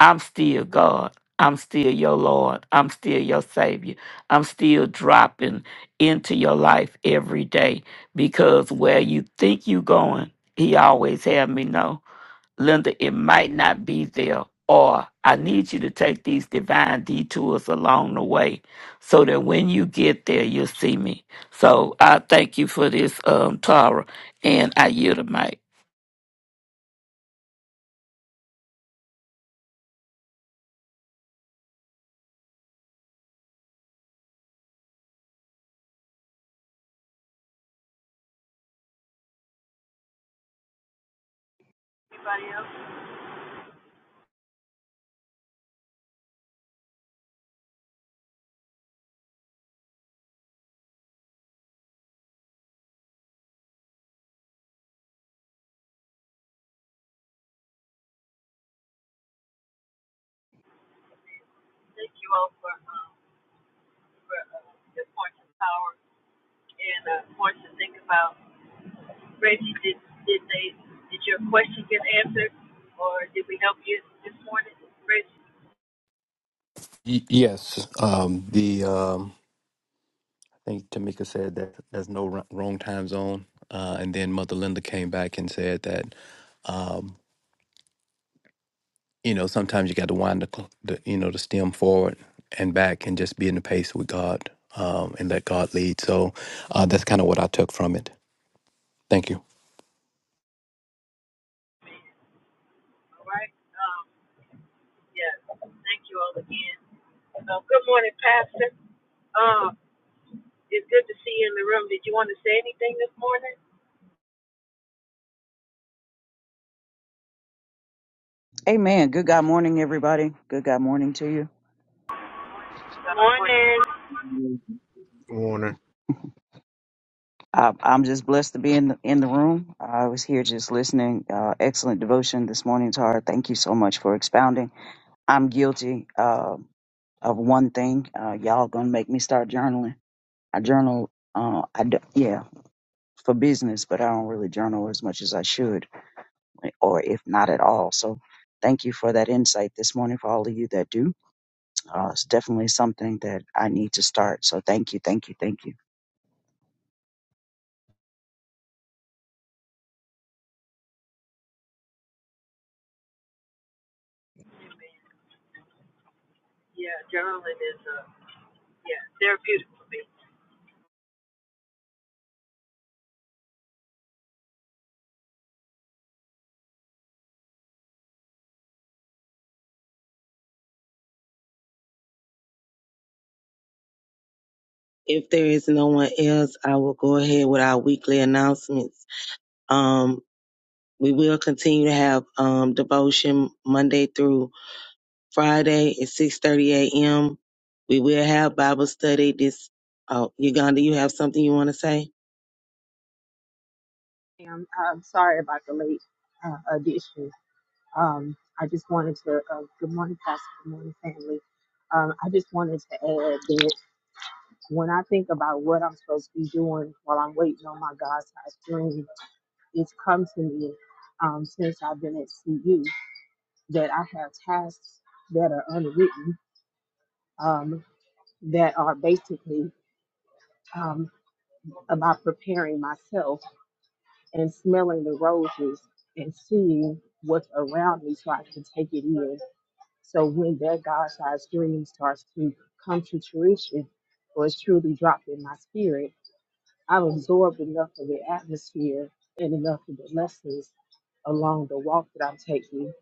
S4: I'm still God. I'm still your Lord. I'm still your Savior. I'm still dropping into your life every day because where you think you're going, He always have me know. Linda, it might not be there, or I need you to take these divine detours along the way so that when you get there, you'll see me. So I thank you for this, um, Tara, and I yield the mic.
S5: Y- yes, um, the um, I think Tamika said that there's no wr- wrong time zone, uh, and then Mother Linda came back and said that um, you know sometimes you got to wind the, cl- the you know the stem forward and back and just be in the pace with God um, and let God lead. So uh, that's kind of what I took from it. Thank you.
S6: Amen. Good God morning, everybody. Good God morning to you.
S1: Good Morning.
S7: Warner.
S6: I, I'm just blessed to be in the, in the room. I was here just listening. Uh, excellent devotion this morning, Tara. Thank you so much for expounding. I'm guilty uh, of one thing. Uh, y'all gonna make me start journaling. I journal. Uh, I d- yeah for business, but I don't really journal as much as I should, or if not at all. So. Thank you for that insight this morning for all of you that do. Uh, it's definitely something that I need to start. So thank you, thank you, thank you.
S8: If there is no one else, I will go ahead with our weekly announcements. Um, we will continue to have um, devotion Monday through Friday at 6:30 a.m. We will have Bible study. This, oh, Uganda, you have something you want to say?
S9: i am um, sorry about the late uh, addition. Um, I just wanted to, uh, good morning, Pastor, good morning, family. Um, I just wanted to add that when I think about what I'm supposed to be doing while I'm waiting on my God's sized dream, it's come to me um, since I've been at CU that I have tasks that are unwritten um, that are basically um, about preparing myself. and smelling the roses and seeing what's around me so I can take it in. So when that God sized dream starts to come to fruition or is truly dropped in my spirit, I've absorbed enough of the atmosphere and enough of the lessons along the walk that I'm taking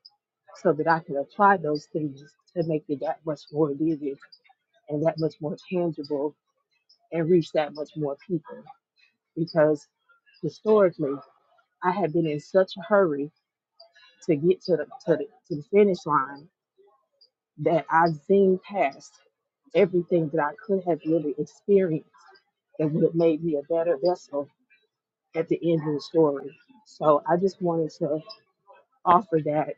S9: so that I can apply those things to make it that much more vivid and that much more tangible and reach that much more people. Because historically, I had been in such a hurry to get to the to the, to the finish line that I zoomed past everything that I could have really experienced that would have made me a better vessel at the end of the story. So I just wanted to offer that.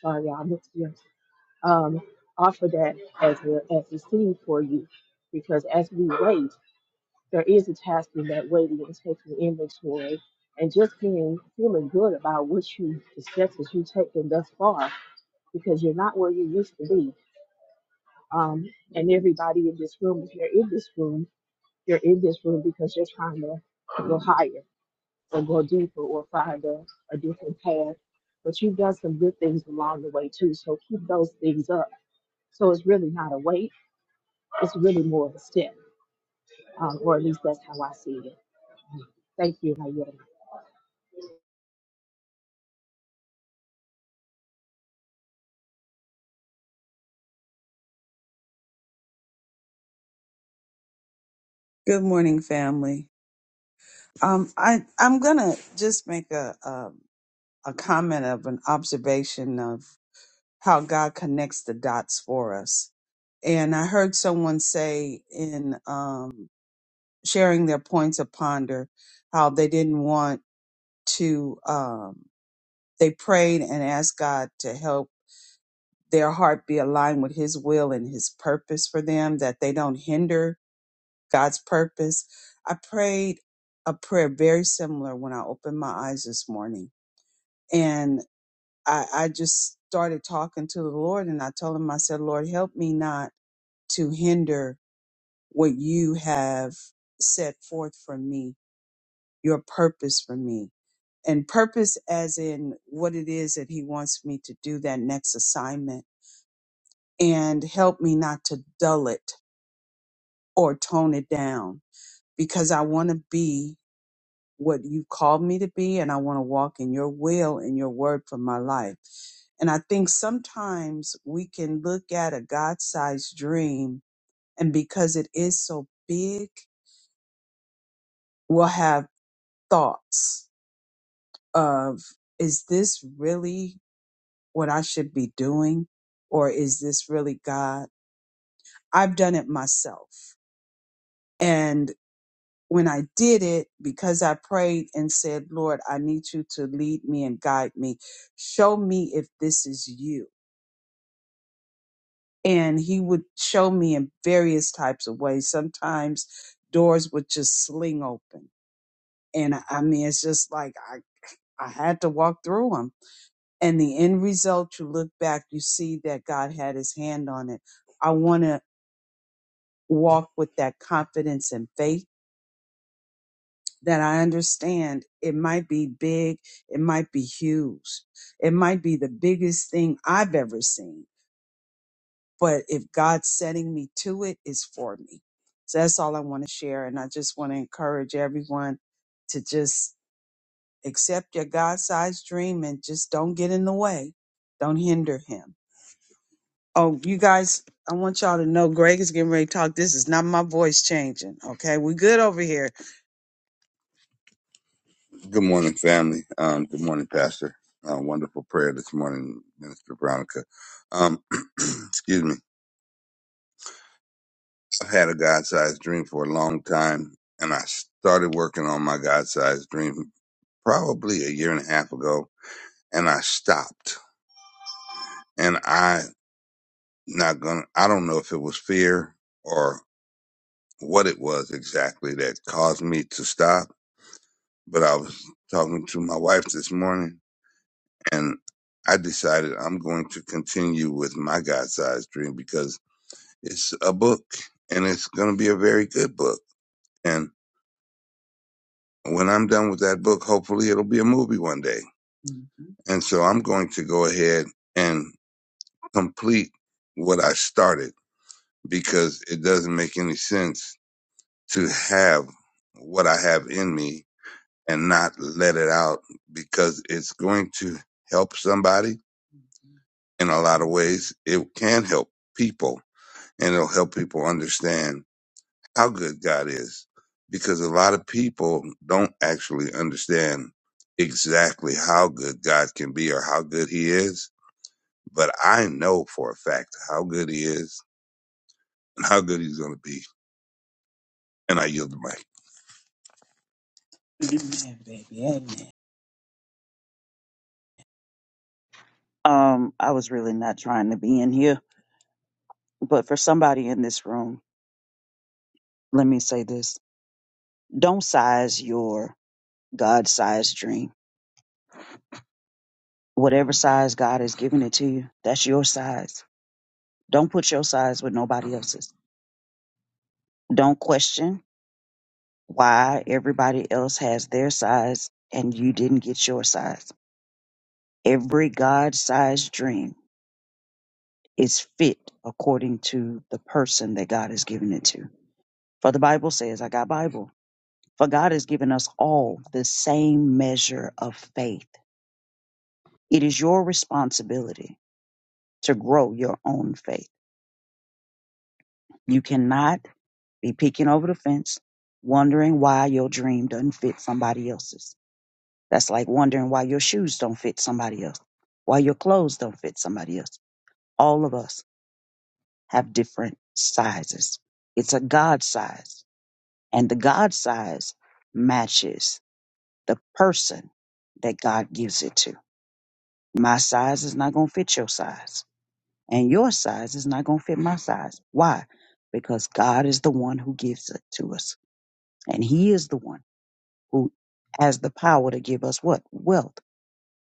S9: Sorry, y'all, I missed you. Um, offer that as a as a seed for you, because as we wait, there is a task in that waiting and taking inventory, and just being feeling good about what you the steps that you've taken thus far because you're not where you used to be. Um, and everybody in this room, if you're in this room, you're in this room because you're trying to go higher or go deeper or find a, a different path. But you've done some good things along the way too. So keep those things up. So it's really not a weight, it's really more of a step, um, or at least that's how I see it. Thank you, Nayera.
S10: Good morning, family. Um, I I'm gonna just make a, a a comment of an observation of how God connects the dots for us. And I heard someone say in um, sharing their points of ponder how they didn't want to. Um, they prayed and asked God to help their heart be aligned with His will and His purpose for them, that they don't hinder God's purpose. I prayed a prayer very similar when I opened my eyes this morning. And I, I just started talking to the Lord and I told him, I said, Lord, help me not to hinder what you have set forth for me, your purpose for me. And purpose as in what it is that he wants me to do that next assignment. And help me not to dull it or tone it down because I want to be what you've called me to be, and I want to walk in your will and your word for my life. And I think sometimes we can look at a God sized dream, and because it is so big, we'll have thoughts of, is this really what I should be doing? Or is this really God? I've done it myself. and. when I did it, because I prayed and said, Lord, I need you to lead me and guide me. Show me if this is you. And he would show me in various types of ways. Sometimes doors would just sling open. And I I mean, it's just like I, I had to walk through them. And the end result, you look back, you see that God had his hand on it. I want to walk with that confidence and faith that I understand it might be big, it might be huge, it might be the biggest thing I've ever seen. But if God's setting me to it, it's for me. So that's all I want to share. And I just want to encourage everyone to just accept your God sized dream and just don't get in the way. Don't hinder him. Oh, you guys, I want y'all to know Greg is getting ready to talk. This is not my voice changing. Okay. We good over here. Good morning, family. Um, good morning, Pastor. Uh, wonderful prayer this morning, Minister Veronica. Um, excuse me. I've had a God-sized dream for a long time, and I started working on my God-sized dream probably a year and a half ago, and I stopped. And I not gonna. I don't know if it was fear or what it was exactly that caused me to stop, but I was talking to my wife this morning, and I decided I'm going to continue with my God sized dream because it's a book and it's going to be a very good book. And when I'm done with that book, hopefully it'll be a movie one day. Mm-hmm. And so I'm going to go ahead and complete what I started because it doesn't make any sense to have what I have in me and not let it out because it's going to help somebody in a lot of ways. It can help people and it'll help people understand how good God is because a lot of people don't actually understand exactly how good God can be or how good he is. But I know for a fact how good he is and how good he's going to be. And I yield the mic. Amen, baby. Amen.
S6: Um, I was really not trying to be in here, but for somebody in this room, let me say this. Don't size your God sized dream. Whatever size God has given it to you, that's your size. Don't put your size with nobody else's. Don't question why everybody else has their size and you didn't get your size. Every God sized dream is fit according to the person that God has given it to. For the Bible says, I got Bible. For God has given us all the same measure of faith. It is your responsibility to grow your own faith. You cannot be peeking over the fence, wondering why your dream doesn't fit somebody else's. That's like wondering why your shoes don't fit somebody else, why your clothes don't fit somebody else. All of us have different sizes. It's a God size, and the God size matches the person that God gives it to. My size is not going to fit your size, and your size is not going to fit my size. Why? Because God is the one who gives it to us, and He is the one who has the power to give us what? Wealth.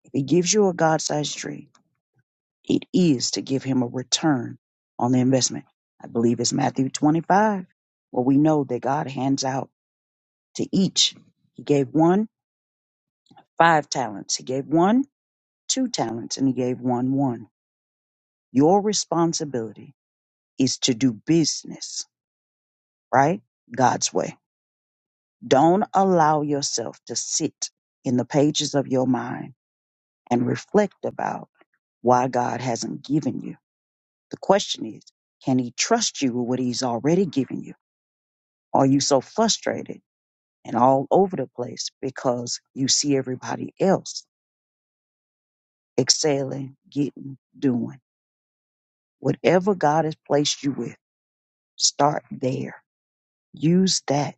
S6: If He gives you a God sized dream, it is to give Him a return on the investment. I believe it's Matthew 25, where we know that God hands out to each. He gave one five talents, He gave one two talents, and He gave one one. Your responsibility is to do business, right? God's way. Don't allow yourself to sit in the pages of your mind and reflect about why God hasn't given you. The question is, can he trust you with what he's already given you? Are you so frustrated and all over the place because you see everybody else excelling, getting, doing? Whatever God has placed you with, start there. Use that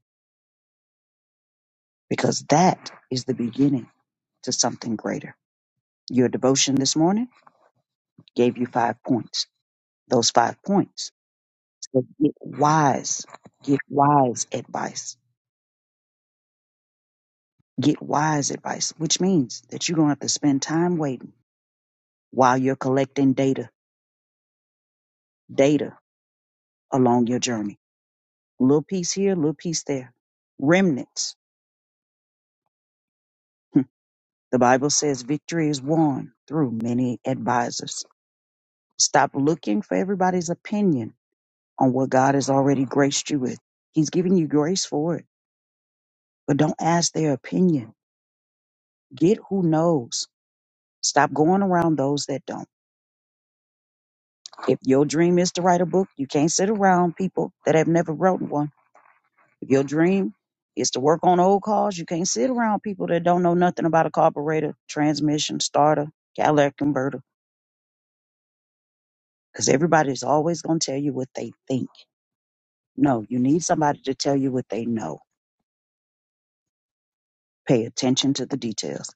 S6: because that is the beginning to something greater. Your devotion this morning gave you five points. Those five points. So get wise. Get wise advice. Get wise advice, which means that you're going to have to spend time waiting while you're collecting data, data along your journey. Little piece here, little piece there. Remnants. Hmm. The Bible says victory is won through many advisors. Stop looking for everybody's opinion on what God has already graced you with. He's given you grace for it, but don't ask their opinion Get who knows. Stop going around those that don't. If your dream is to write a book, you can't sit around people that have never written one. If your dream is to work on old cars, you can't sit around people that don't know nothing about a carburetor, transmission, starter, catalytic converter, because everybody's always going to tell you what they think. No, you need somebody to tell you what they know. Pay attention to the details.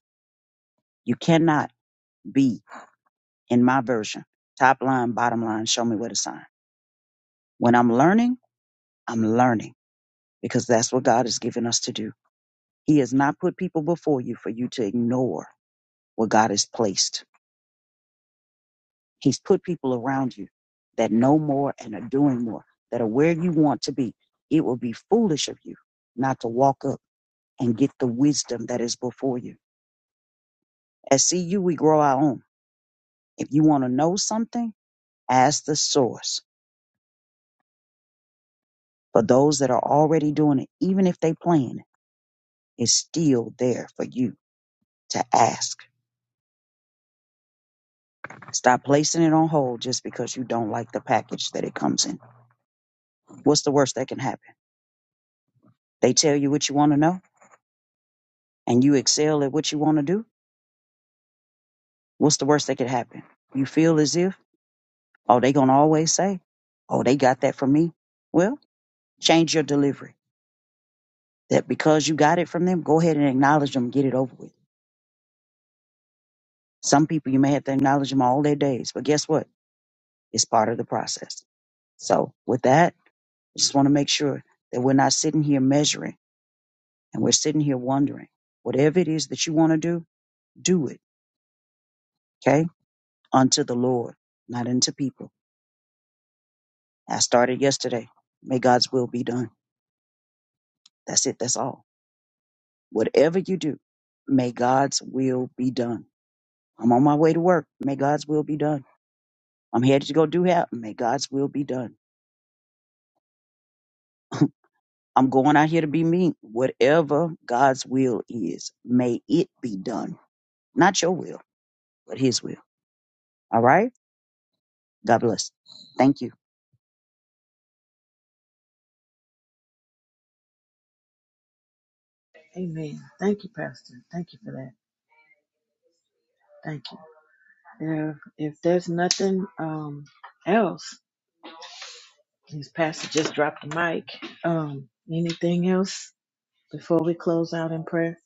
S6: You cannot be, in my version, top line, bottom line, show me where to sign. When I'm learning, I'm learning. because that's what God has given us to do. He has not put people before you for you to ignore what God has placed. He's put people around you that know more and are doing more, that are where you want to be. It will be foolish of you not to walk up and get the wisdom that is before you. At CU, we grow our own. If you want to know something, ask the source. For those that are already doing it, even if they plan, it's still there for you to ask Stop placing it on hold just because you don't like the package that it comes in. What's the worst that can happen? They tell you what you want to know and you excel at what you want to do. What's the worst that could happen? You feel as if, oh, they going to always say, oh, they got that from me. Well, change your delivery. That because you got it from them, go ahead and acknowledge them, get it over with. Some people, you may have to acknowledge them all their days, but guess what? It's part of the process. So, with that, I just want to make sure that we're not sitting here measuring. And we're sitting here wondering, whatever it is that you want to do, do it, okay? Unto the Lord, not unto people. I started yesterday. May God's will be done. That's it. That's all. Whatever you do, may God's will be done. I'm on my way to work. May God's will be done. I'm headed to go do that. May God's will be done. I'm going out here to be me. Whatever God's will is, may it be done. Not your will, but His will. All right? God bless. Thank you.
S2: amen thank you pastor thank you for that thank you If, if there's nothing um, else, this pastor just dropped the mic. Um, anything else before we close out in prayer?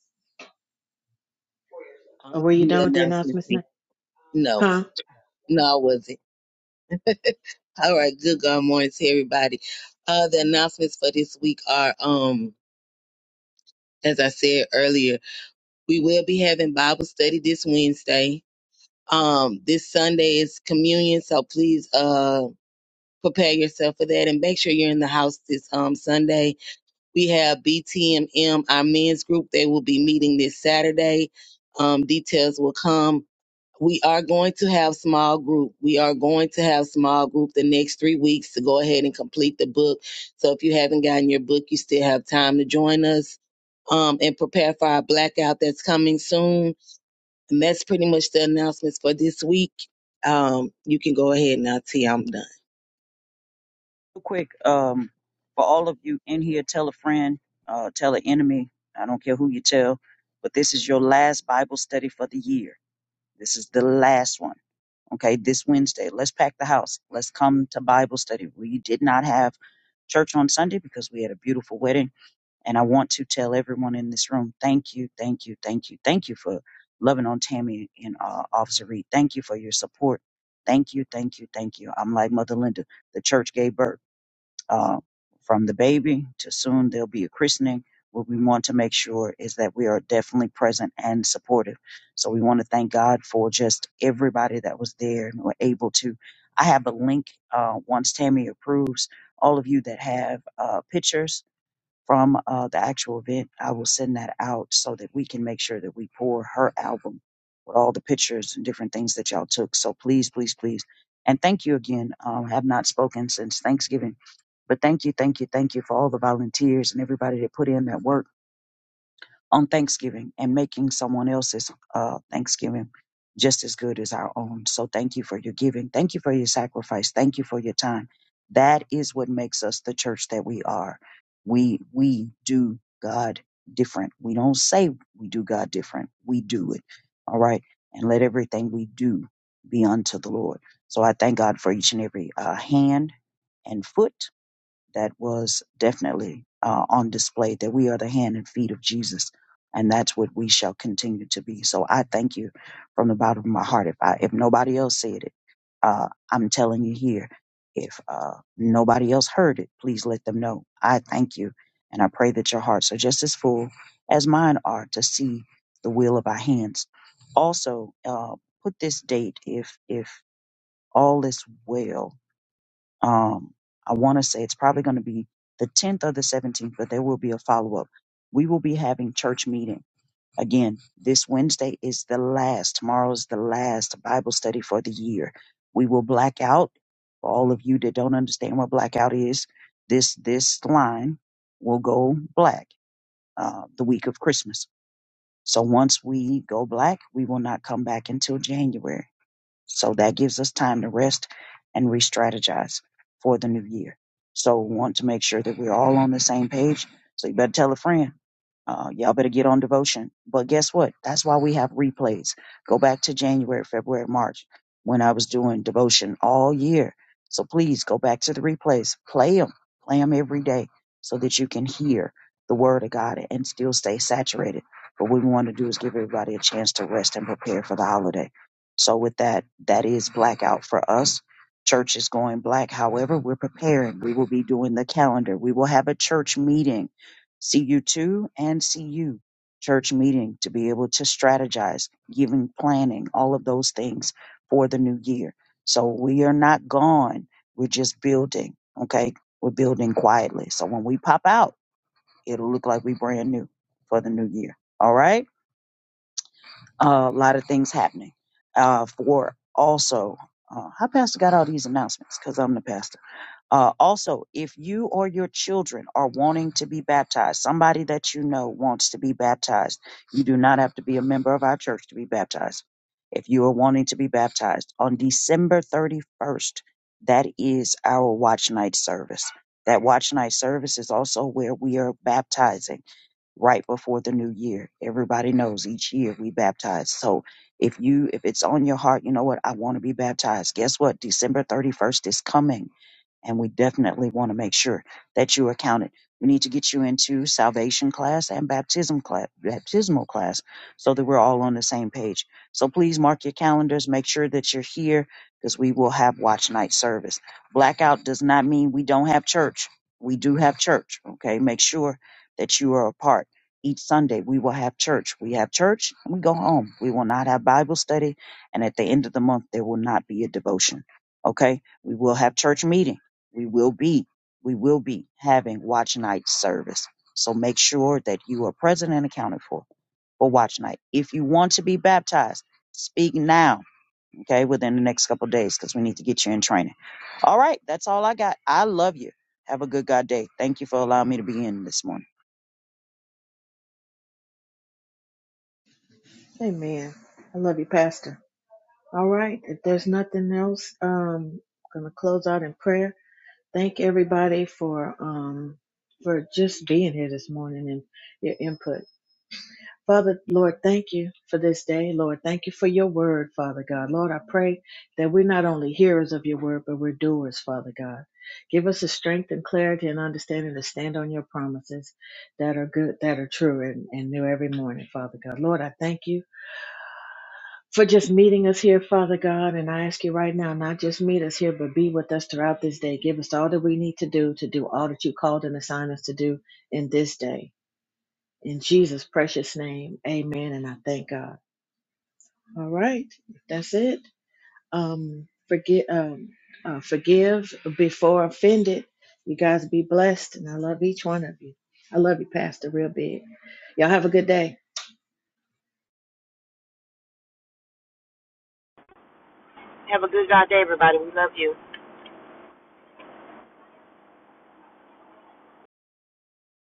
S2: Or
S8: Um,
S2: were you
S8: do the
S2: done with the
S8: announcements.
S2: announcements now?
S8: No,
S2: Huh?
S8: no, I wasn't. All right, good God morning to everybody. Uh, the announcements for this week are, um, as I said earlier, we will be having Bible study this Wednesday. Um, this Sunday is communion, so please uh prepare yourself for that and make sure you're in the house this um Sunday. We have BTMM, our men's group. They will be meeting this Saturday. Um, details will come. We are going to have small group. We are going to have small group the next three weeks to go ahead and complete the book. So if you haven't gotten your book, you still have time to join us. Um, and prepare for our blackout that's coming soon and that's pretty much the announcements for this week. Um, you can go ahead now, T. I'm done.
S6: Real quick, um, for all of you in here, tell a friend, uh, tell an enemy. I don't care who you tell, but this is your last Bible study for the year. This is the last one. Okay, this Wednesday, let's pack the house. Let's come to Bible study. We did not have church on Sunday because we had a beautiful wedding. And I want to tell everyone in this room, thank you, thank you, thank you, thank you for loving on Tammy and uh, Officer Reed. Thank you for your support. Thank you, thank you, thank you. I'm like Mother Linda. The church gave birth uh, from the baby to soon there'll be a christening. What we want to make sure is that we are definitely present and supportive. So we want to thank God for just everybody that was there and were able to. I have a link uh, once Tammy approves. All of you that have uh, pictures from uh, the actual event. I will send that out so that we can make sure that we pour her album with all the pictures and different things that y'all took. So please, please, please. And thank you again. Um, have not spoken since Thanksgiving, but thank you, thank you, thank you for all the volunteers and everybody that put in that work on Thanksgiving and making someone else's uh, Thanksgiving just as good as our own. So thank you for your giving. Thank you for your sacrifice. Thank you for your time. That is what makes us the church that we are. We we do God different. We don't say we do God different. We do it. All right. And let everything we do be unto the Lord. So I thank God for each and every uh, hand and foot that was definitely uh, on display that we are the hand and feet of Jesus, and that's what we shall continue to be. So I thank you from the bottom of my heart. If I, if nobody else said it, uh, I'm telling you here. If uh, nobody else heard it, please let them know. I thank you, and I pray that your hearts are just as full as mine are to see the will of our hands. Also, uh, put this date if if all is well um, I want to say it's probably going to be the 10th or the 17th, but there will be a follow up. We will be having church meeting again. This Wednesday is the last. Tomorrow is the last Bible study for the year. We will black out. For all of you that don't understand what blackout is, this this line will go black uh, the week of Christmas. So once we go black, we will not come back until January so that gives us time to rest and re strategize for the new year. So we want to make sure that we're all on the same page. So you better tell a friend. Uh, y'all better get on devotion. But guess what? That's why we have replays. Go back to January, February, March when I was doing devotion all year. So please go back to the replays. Play them. Play them every day so that you can hear the word of God and still stay saturated. But what we want to do is give everybody a chance to rest and prepare for the holiday. So with that, that is blackout for us. Church is going black. However, we're preparing. We will be doing the calendar. We will have a church meeting, CU2 and CU church meeting to be able to strategize, giving planning, all of those things for the new year. So we are not gone. We're just building. Okay. We're building quietly. So when we pop out, it'll look like we brand new for the new year. All right. Uh, a lot of things happening uh, for also uh, how pastor got all these announcements because i'm the pastor uh, also if you or your children are wanting to be baptized somebody that you know wants to be baptized you do not have to be a member of our church to be baptized if you are wanting to be baptized on december 31st that is our watch night service that watch night service is also where we are baptizing right before the new year. Everybody knows each year we baptize. So if you if it's on your heart, you know what, I want to be baptized. Guess what? December 31st is coming and we definitely want to make sure that you are counted. We need to get you into salvation class and baptism class, baptismal class, so that we're all on the same page. So please mark your calendars. Make sure that you're here because we will have watch night service. Blackout does not mean we don't have church. We do have church. Okay, make sure that you are a part. Each Sunday we will have church. We have church and we go home. We will not have Bible study, and at the end of the month there will not be a devotion. Okay, we will have church meeting we will be we will be having watch night service so make sure that you are present and accounted for for watch night if you want to be baptized speak now okay within the next couple of days because we need to get you in training all right that's all i got i love you have a good god day thank you for allowing me to be in this morning
S2: Amen. I love you, Pastor. All right. If there's nothing else, um, I'm gonna close out in prayer. Thank everybody for um for just being here this morning and your input. Father, Lord, thank you for this day. Lord, thank you for your word, Father God. Lord, I pray that we're not only hearers of your word, but we're doers, Father God. Give us the strength and clarity and understanding to stand on your promises that are good, that are true, and, and new every morning, Father God. Lord, I thank you for just meeting us here, Father God. And I ask you right now, not just meet us here, but be with us throughout this day. Give us all that we need to do to do all that you called and assigned us to do in this day. In Jesus' precious name, amen. And I thank God. All right, that's it. Um, forget, um, uh, forgive before offended. You guys be blessed, and I love each one of you. I love you, Pastor, real big. Y'all have a good day.
S1: Have a good God day, everybody. We love you.